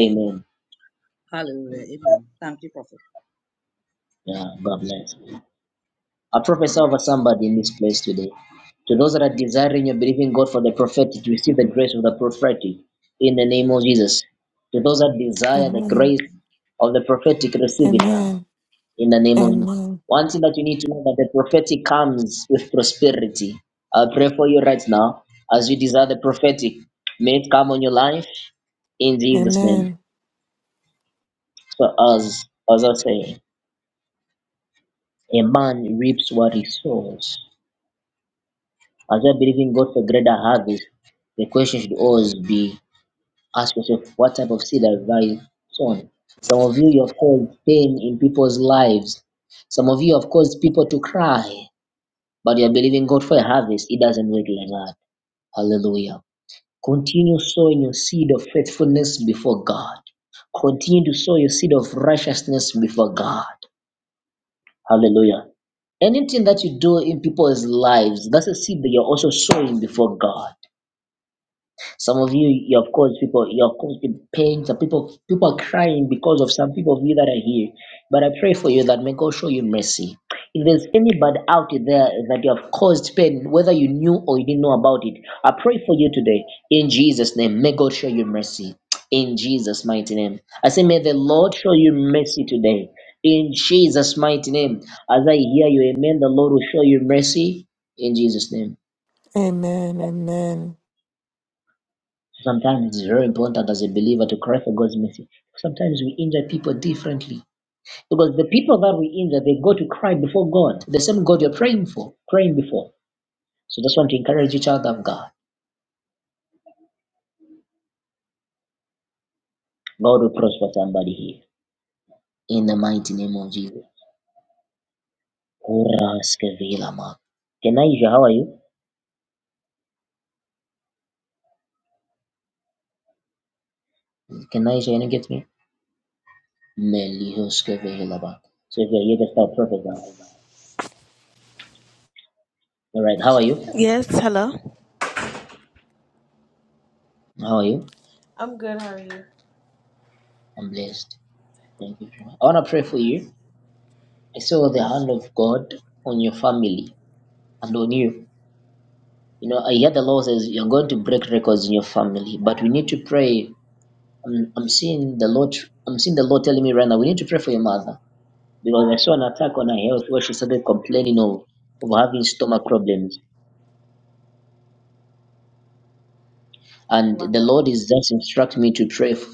Speaker 1: Amen.
Speaker 9: Hallelujah. Amen. Thank you, Prophet.
Speaker 1: Yeah, God bless. I prophesy over somebody in this place today. To those that are desiring and believing God for the prophetic, to receive the grace of the prophetic in the name of Jesus. To those that desire the
Speaker 5: Amen.
Speaker 1: grace of the prophetic, receive it now
Speaker 5: Amen.
Speaker 1: in the name of Jesus.
Speaker 5: Amen.
Speaker 1: One thing that you need to know that the prophetic comes with prosperity. I pray for you right now as you desire the prophetic. May it come on your life in Jesus' name.
Speaker 5: Amen.
Speaker 1: So as as I say, a man reaps what he sows. As you are believing God for greater harvest, the question should always be ask yourself what type of seed have I sown? Some of you you have caused pain in people's lives. Some of you have caused people to cry. but you're believing God for a harvest, it doesn't work like that. Hallelujah. Continue sowing your seed of faithfulness before God. Continue to sow your seed of righteousness before God. Hallelujah. Anything that you do in people's lives, that's a seed that you're also sowing before God. Some of you, you have caused people, you have caused people pain. Some people, people are crying because of some people of you that are here. But I pray for you that may God show you mercy. If there's anybody out there that you have caused pain, whether you knew or you didn't know about it, I pray for you today in Jesus' name. May God show you mercy in Jesus' mighty name. I say, may the Lord show you mercy today in Jesus' mighty name. As I hear you, amen. The Lord will show you mercy in Jesus' name.
Speaker 5: Amen. Amen.
Speaker 1: Sometimes it's very important as a believer to cry for God's mercy. Sometimes we injure people differently because the people that we injure, they go to cry before God, the same God you're praying for, praying before. So just want to encourage you, child of God. God will prosper somebody here in the mighty name of Jesus. Horaskevelama. Kenaisha, how are you? Kenaisha, can you know, get me? Melihoskevelaba. So if you're here, just start prophet now. All right, how are you?
Speaker 10: Yes, hello.
Speaker 1: How are you?
Speaker 10: I'm good. How are you?
Speaker 1: I'm blessed. Thank you. very much. I want to pray for you. I saw the hand of God on your family and on you. You know, I hear the Lord says you're going to break records in your family, but we need to pray. I'm, I'm seeing the Lord. I'm seeing the Lord telling me right now we need to pray for your mother because I saw an attack on her health where she started complaining of of having stomach problems, and the
Speaker 10: Wow.
Speaker 1: Lord is just instructing me to pray f-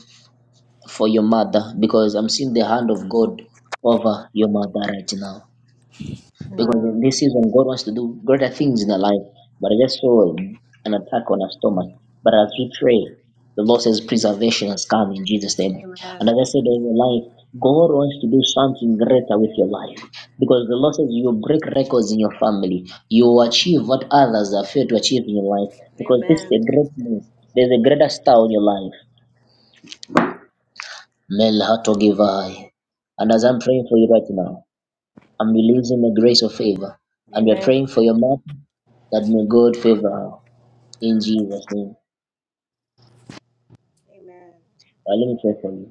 Speaker 1: for your mother because I'm seeing the hand of God over your mother right now. because
Speaker 10: Wow.
Speaker 1: in this season God wants to do greater things in our life. But I just saw an attack on our stomach. But as we pray, the Lord says preservation has come in Jesus' name.
Speaker 10: Amen.
Speaker 1: And as I said in your life, God wants to do something greater with your life. Because the Lord says you will break records in your family. You will achieve what others are failed to achieve in your life. Because this is
Speaker 10: Amen.
Speaker 1: a great news. There's a greater star in your life. Mel Hatogivai. And as I'm praying for you right now, I'm releasing the grace of favor. And we're
Speaker 10: Amen.
Speaker 1: praying for your mouth that may God favor her in Jesus' name.
Speaker 10: Amen.
Speaker 1: Well, let me pray for you.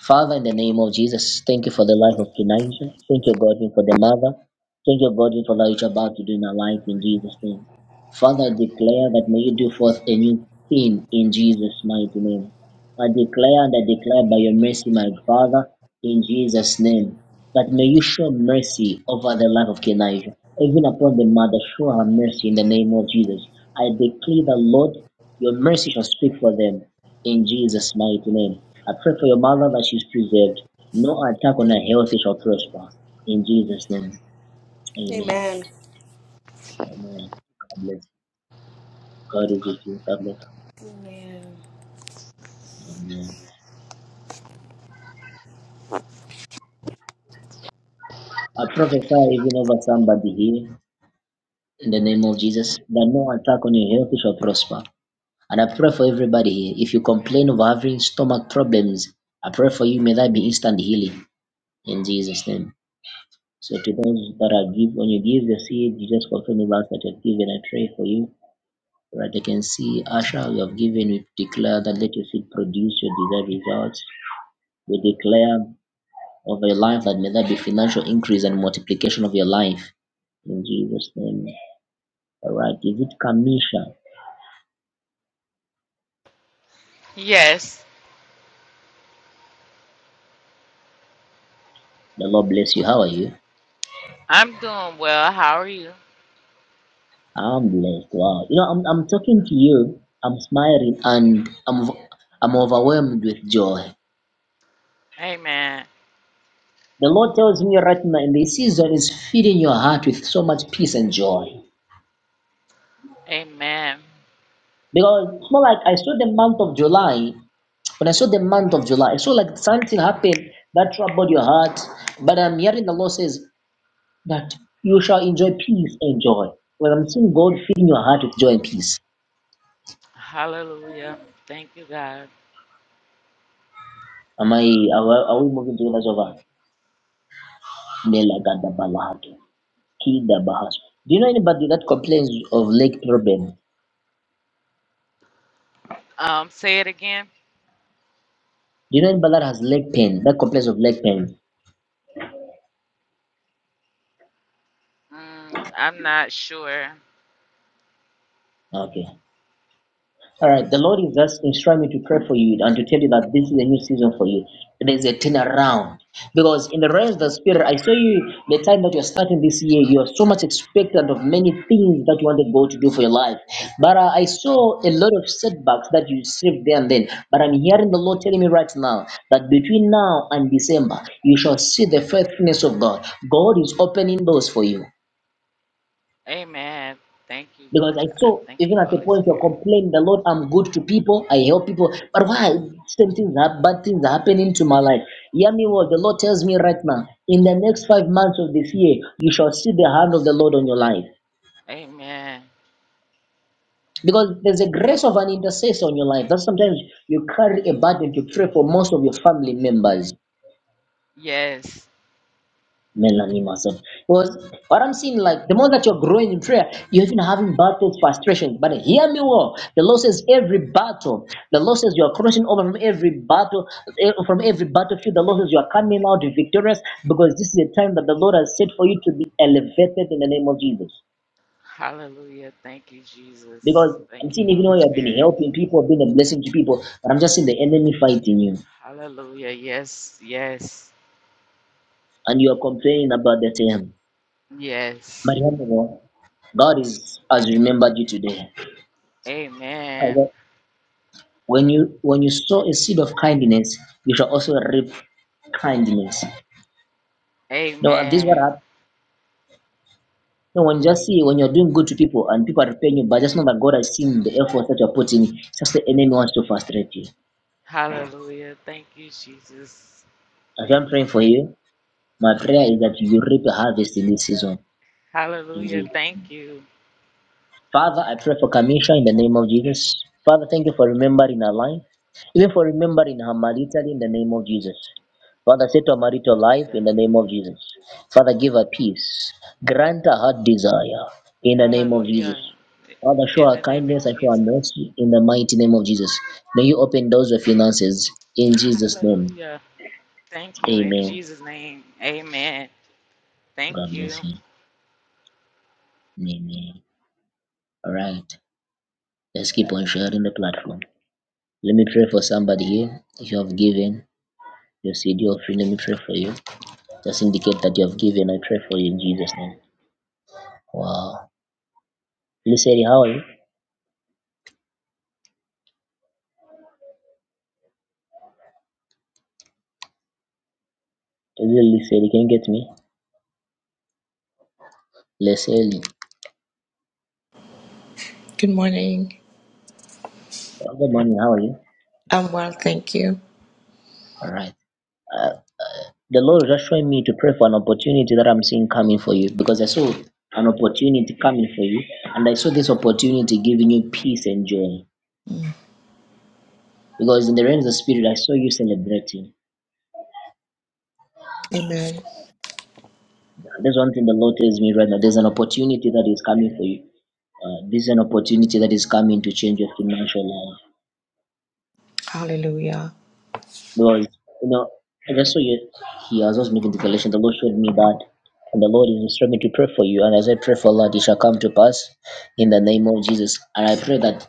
Speaker 1: Father, in the name of Jesus, thank you for the life of Kenaisha. Thank you, Godwin, for the mother. Thank you, Godwin, for what you're about to do in our life in Jesus' name. Father, I declare that may you do forth a new thing in Jesus' mighty name. I declare and I declare by your mercy, my Father, in Jesus' name, that may you show mercy over the life of Kenaisha. Even upon the mother, show her mercy in the name of Jesus. I declare the Lord, your mercy shall speak for them in Jesus' mighty name. I pray for your mother that she's preserved. No attack on her health shall prosper. In Jesus' name. Amen.
Speaker 10: Amen.
Speaker 1: Amen. God bless. God is with you. God bless.
Speaker 10: Amen.
Speaker 1: Amen. I prophesy even over somebody here in the name of Jesus that no attack on your health shall prosper. And I pray for everybody here. If you complain of having stomach problems, I pray for you. May that be instant healing in Jesus' name. So to those that are give, when you give the seed, you just confirm the last that you have given. I pray for you Right, I can see, Asha, you have given, we declare that let your seed produce your desired results. We declare over your life that may there be financial increase and multiplication of your life. In Jesus' name. All right, is it Kamisha?
Speaker 11: Yes,
Speaker 1: The Lord bless you. How are you?
Speaker 11: I'm doing well. How are you?
Speaker 1: I'm blessed. Wow. You know, I'm, I'm talking to you, I'm smiling, and I'm, I'm overwhelmed with joy.
Speaker 11: Amen.
Speaker 1: The Lord tells me right now in this season is feeding your heart with so much peace and joy.
Speaker 11: Amen.
Speaker 1: Because it's not like I saw the month of July. When I saw the month of July, I saw like something happened that troubled your heart. But I'm hearing the Lord says that you shall enjoy peace and joy. Well, I'm seeing God filling your heart with joy and peace.
Speaker 11: Hallelujah. Thank you, God.
Speaker 1: Am I? Are, we- are we moving to the over? Do you know anybody that complains of leg problem? Do
Speaker 11: Um, say it again.
Speaker 1: you know anybody that has leg pain? That complains of leg pain?
Speaker 11: Mm, I'm not sure.
Speaker 1: Okay. All right, the Lord is just instructing me to pray for you and to tell you that this is a new season for you. There's a turnaround because in the realms of the spirit, I saw you the time that you're starting this year. You are so much expectant of many things that you wanted God to do for your life, but uh, I saw a lot of setbacks that you received there and then. But I'm hearing the Lord telling me right now that between now and December, you shall see the faithfulness of God. God is opening doors for you.
Speaker 11: Amen. Thank you,
Speaker 1: Because I
Speaker 11: God.
Speaker 1: saw
Speaker 11: Thank you,
Speaker 1: even at the
Speaker 11: Holy
Speaker 1: point of
Speaker 11: Spirit.
Speaker 1: complaining, the Lord, I'm good to people, I help people. But why same things hap- bad things are happening to my life? Hear me what the Lord tells me right now. In the next five months of this year, you shall see the hand of the Lord on your life.
Speaker 11: Amen.
Speaker 1: Because there's a grace of an intercessor on your life. That sometimes you carry a burden to pray for most of your family members.
Speaker 11: Yes.
Speaker 1: Melanie Mason. Was what I'm seeing like the more that you're growing in prayer, you're even having battles, frustrations. But hear me well. The Lord says every battle, the Lord says you are crossing over from every battle, eh, from every battlefield. The Lord says you are coming out victorious because this is the time that the Lord has set for you to be elevated in the name of Jesus.
Speaker 11: Hallelujah. Thank you, Jesus.
Speaker 1: Because I'm
Speaker 11: Thank you,
Speaker 1: seeing even though
Speaker 11: Holy
Speaker 1: you have been
Speaker 11: Spirit.
Speaker 1: helping people, been a blessing to people, but I'm just seeing the enemy fighting you
Speaker 11: Hallelujah. Yes, yes,
Speaker 1: and you are complaining about the same.
Speaker 11: yes.
Speaker 1: But hear me well. God is has remembered you today.
Speaker 11: Amen.
Speaker 1: When you when you sow a seed of kindness, you shall also reap kindness. Now this is what
Speaker 11: Amen.
Speaker 1: happened. No, when you just see when you're doing good to people and people are paying you, but just know that God has seen the effort that you're putting. in. It's just the enemy wants to frustrate you.
Speaker 11: Hallelujah. Thank you, Jesus.
Speaker 1: As
Speaker 11: Thank.
Speaker 1: I'm praying for you, my prayer is that you reap a harvest in this season.
Speaker 11: Hallelujah.
Speaker 1: Indeed.
Speaker 11: Thank you.
Speaker 1: Father, I pray for Kamisha in the name of Jesus. Father, thank you for remembering her life, even for remembering her marital. in the name of Jesus. Father, set her marital life
Speaker 11: Hallelujah.
Speaker 1: in the name of Jesus. Father, give her peace. Grant her heart desire in the name of Jesus.
Speaker 11: Hallelujah.
Speaker 1: Father, show
Speaker 11: In
Speaker 1: her
Speaker 11: the name of
Speaker 1: kindness and show her
Speaker 11: Jesus.
Speaker 1: mercy in the mighty name of Jesus. May you open doors of finances in Jesus' name.
Speaker 11: Hallelujah. Thank you in
Speaker 1: Amen.
Speaker 11: Jesus' name. Amen. Thank
Speaker 1: God
Speaker 11: you.
Speaker 1: bless you. Amen. All right. Let's keep on sharing the platform. Let me pray for somebody here. If you have given, your seed offering. Let me pray for you. Just indicate that you have given. I pray for you in Jesus' name. Wow. Liseli, how are you? Is it Liseli? Can you get me? Liseli.
Speaker 12: Good morning.
Speaker 1: Oh, Good morning. How are you?
Speaker 12: I'm well, thank you.
Speaker 1: All right. Uh, the Lord is just showing me to pray for an opportunity that I'm seeing coming for you because I saw an opportunity coming for you and I saw this opportunity giving you peace and joy
Speaker 12: Mm.
Speaker 1: because in the realms of the spirit I saw you celebrating.
Speaker 12: Amen.
Speaker 1: There's one thing the Lord tells me right now. There's an opportunity that is coming for you Uh, this is an opportunity that is coming to change your financial life.
Speaker 12: Hallelujah.
Speaker 1: Because, you know, and that's why you, he was also making the collection. The Lord showed me that. And the Lord is instructing me to pray for you. And as I pray for that, it shall come to pass in the name of Jesus. And I pray that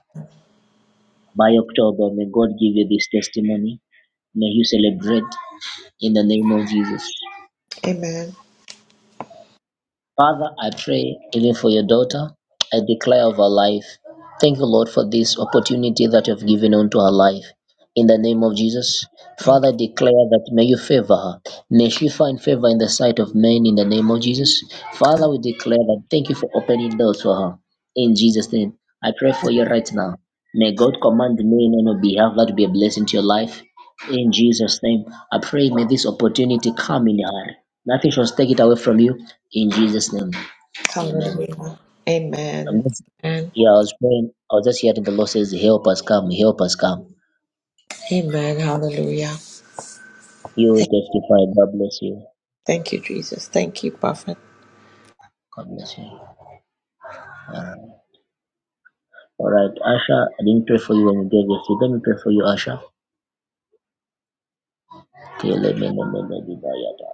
Speaker 1: by October, may God give you this testimony. May you celebrate in the name of Jesus.
Speaker 12: Amen.
Speaker 1: Father, I pray even for your daughter. I declare of her life. Thank you, Lord, for this opportunity that you have given unto her life. In the name of Jesus,
Speaker 12: Thank
Speaker 1: Father, I declare that may you favor her. May she find favor in the sight of men in the name of Jesus.
Speaker 12: you.
Speaker 1: Father, we declare that thank you for opening doors for her. In Jesus' name, I pray for you right now. May God command men on your behalf that will be a blessing to your life. In Jesus' name, I pray may this opportunity come in your hand. Nothing shall take it away from you. In Jesus' name, Amen.
Speaker 12: Hallelujah.
Speaker 1: I'm
Speaker 12: Amen.
Speaker 1: just,
Speaker 12: Amen.
Speaker 1: yeah, I was praying. I was just hearing the Lord says, "Help us come, help us come."
Speaker 12: Amen. Hallelujah.
Speaker 1: You will
Speaker 12: Thank,
Speaker 1: testify. God bless you.
Speaker 12: thank you, Jesus. Thank you, Prophet.
Speaker 1: God bless you. All right, Asha, I didn't pray for you when you gave your seed. Let me pray for you, Asha. Okay, let me let me let me die.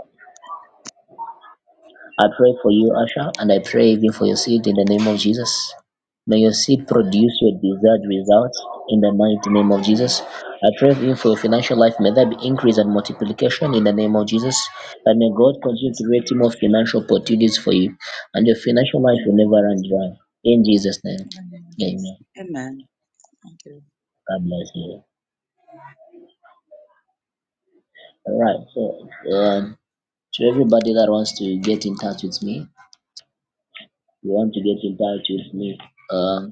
Speaker 1: I pray for you, Asha, and I pray even for your seed in the name of Jesus. May your seed produce your desired results in the mighty name of
Speaker 9: Amen.
Speaker 1: Jesus. I pray even for your financial life. May there be increase and multiplication in the name of Jesus. And may God continue to
Speaker 9: Yes,
Speaker 1: create
Speaker 9: Lord.
Speaker 1: more financial opportunities for you. And your financial life will never
Speaker 9: Amen.
Speaker 1: run dry. In Jesus' name.
Speaker 9: In the name of Jesus.
Speaker 1: Amen.
Speaker 9: Amen. Thank you.
Speaker 1: God bless you. All right. So, um, to everybody that wants to get in touch with me, you want to get in touch with me. Um,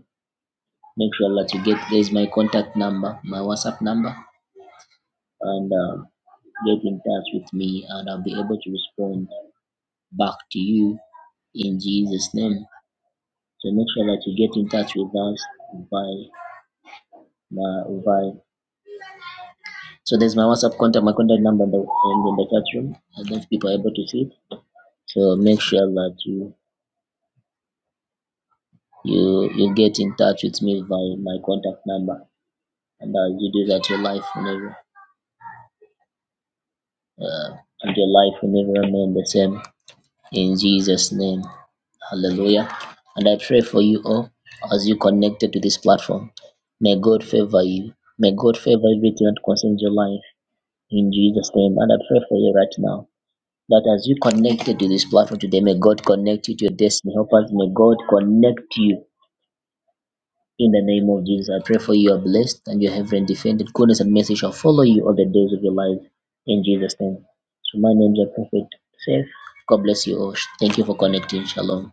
Speaker 1: make sure that you get guys my contact number, my WhatsApp number, and um, get in touch with me, and I'll be able to respond back to you in Jesus' name. So make sure that you get in touch with us by my by. So there's my WhatsApp contact, my contact number in the, in the chat room. I don't know if people are able to see it. So make sure that you you you get in touch with me by my contact number, and uh, you do that your life will never uh, and your life will never remain the same in Jesus' name. Hallelujah. And I pray for you all as you connected to this platform. May God favor you. May God favor everything that concerns your life in Jesus' name. And I pray for you right now that as you connected to this platform today, may God connect you to your destiny. Help us. May God connect you in the name of Jesus. I pray for you. are blessed and your heaven defended. Goodness and mercy shall follow you all the days of your life in Jesus' name. So my name is Prophet Safe. God bless you all. Thank you for connecting. Shalom.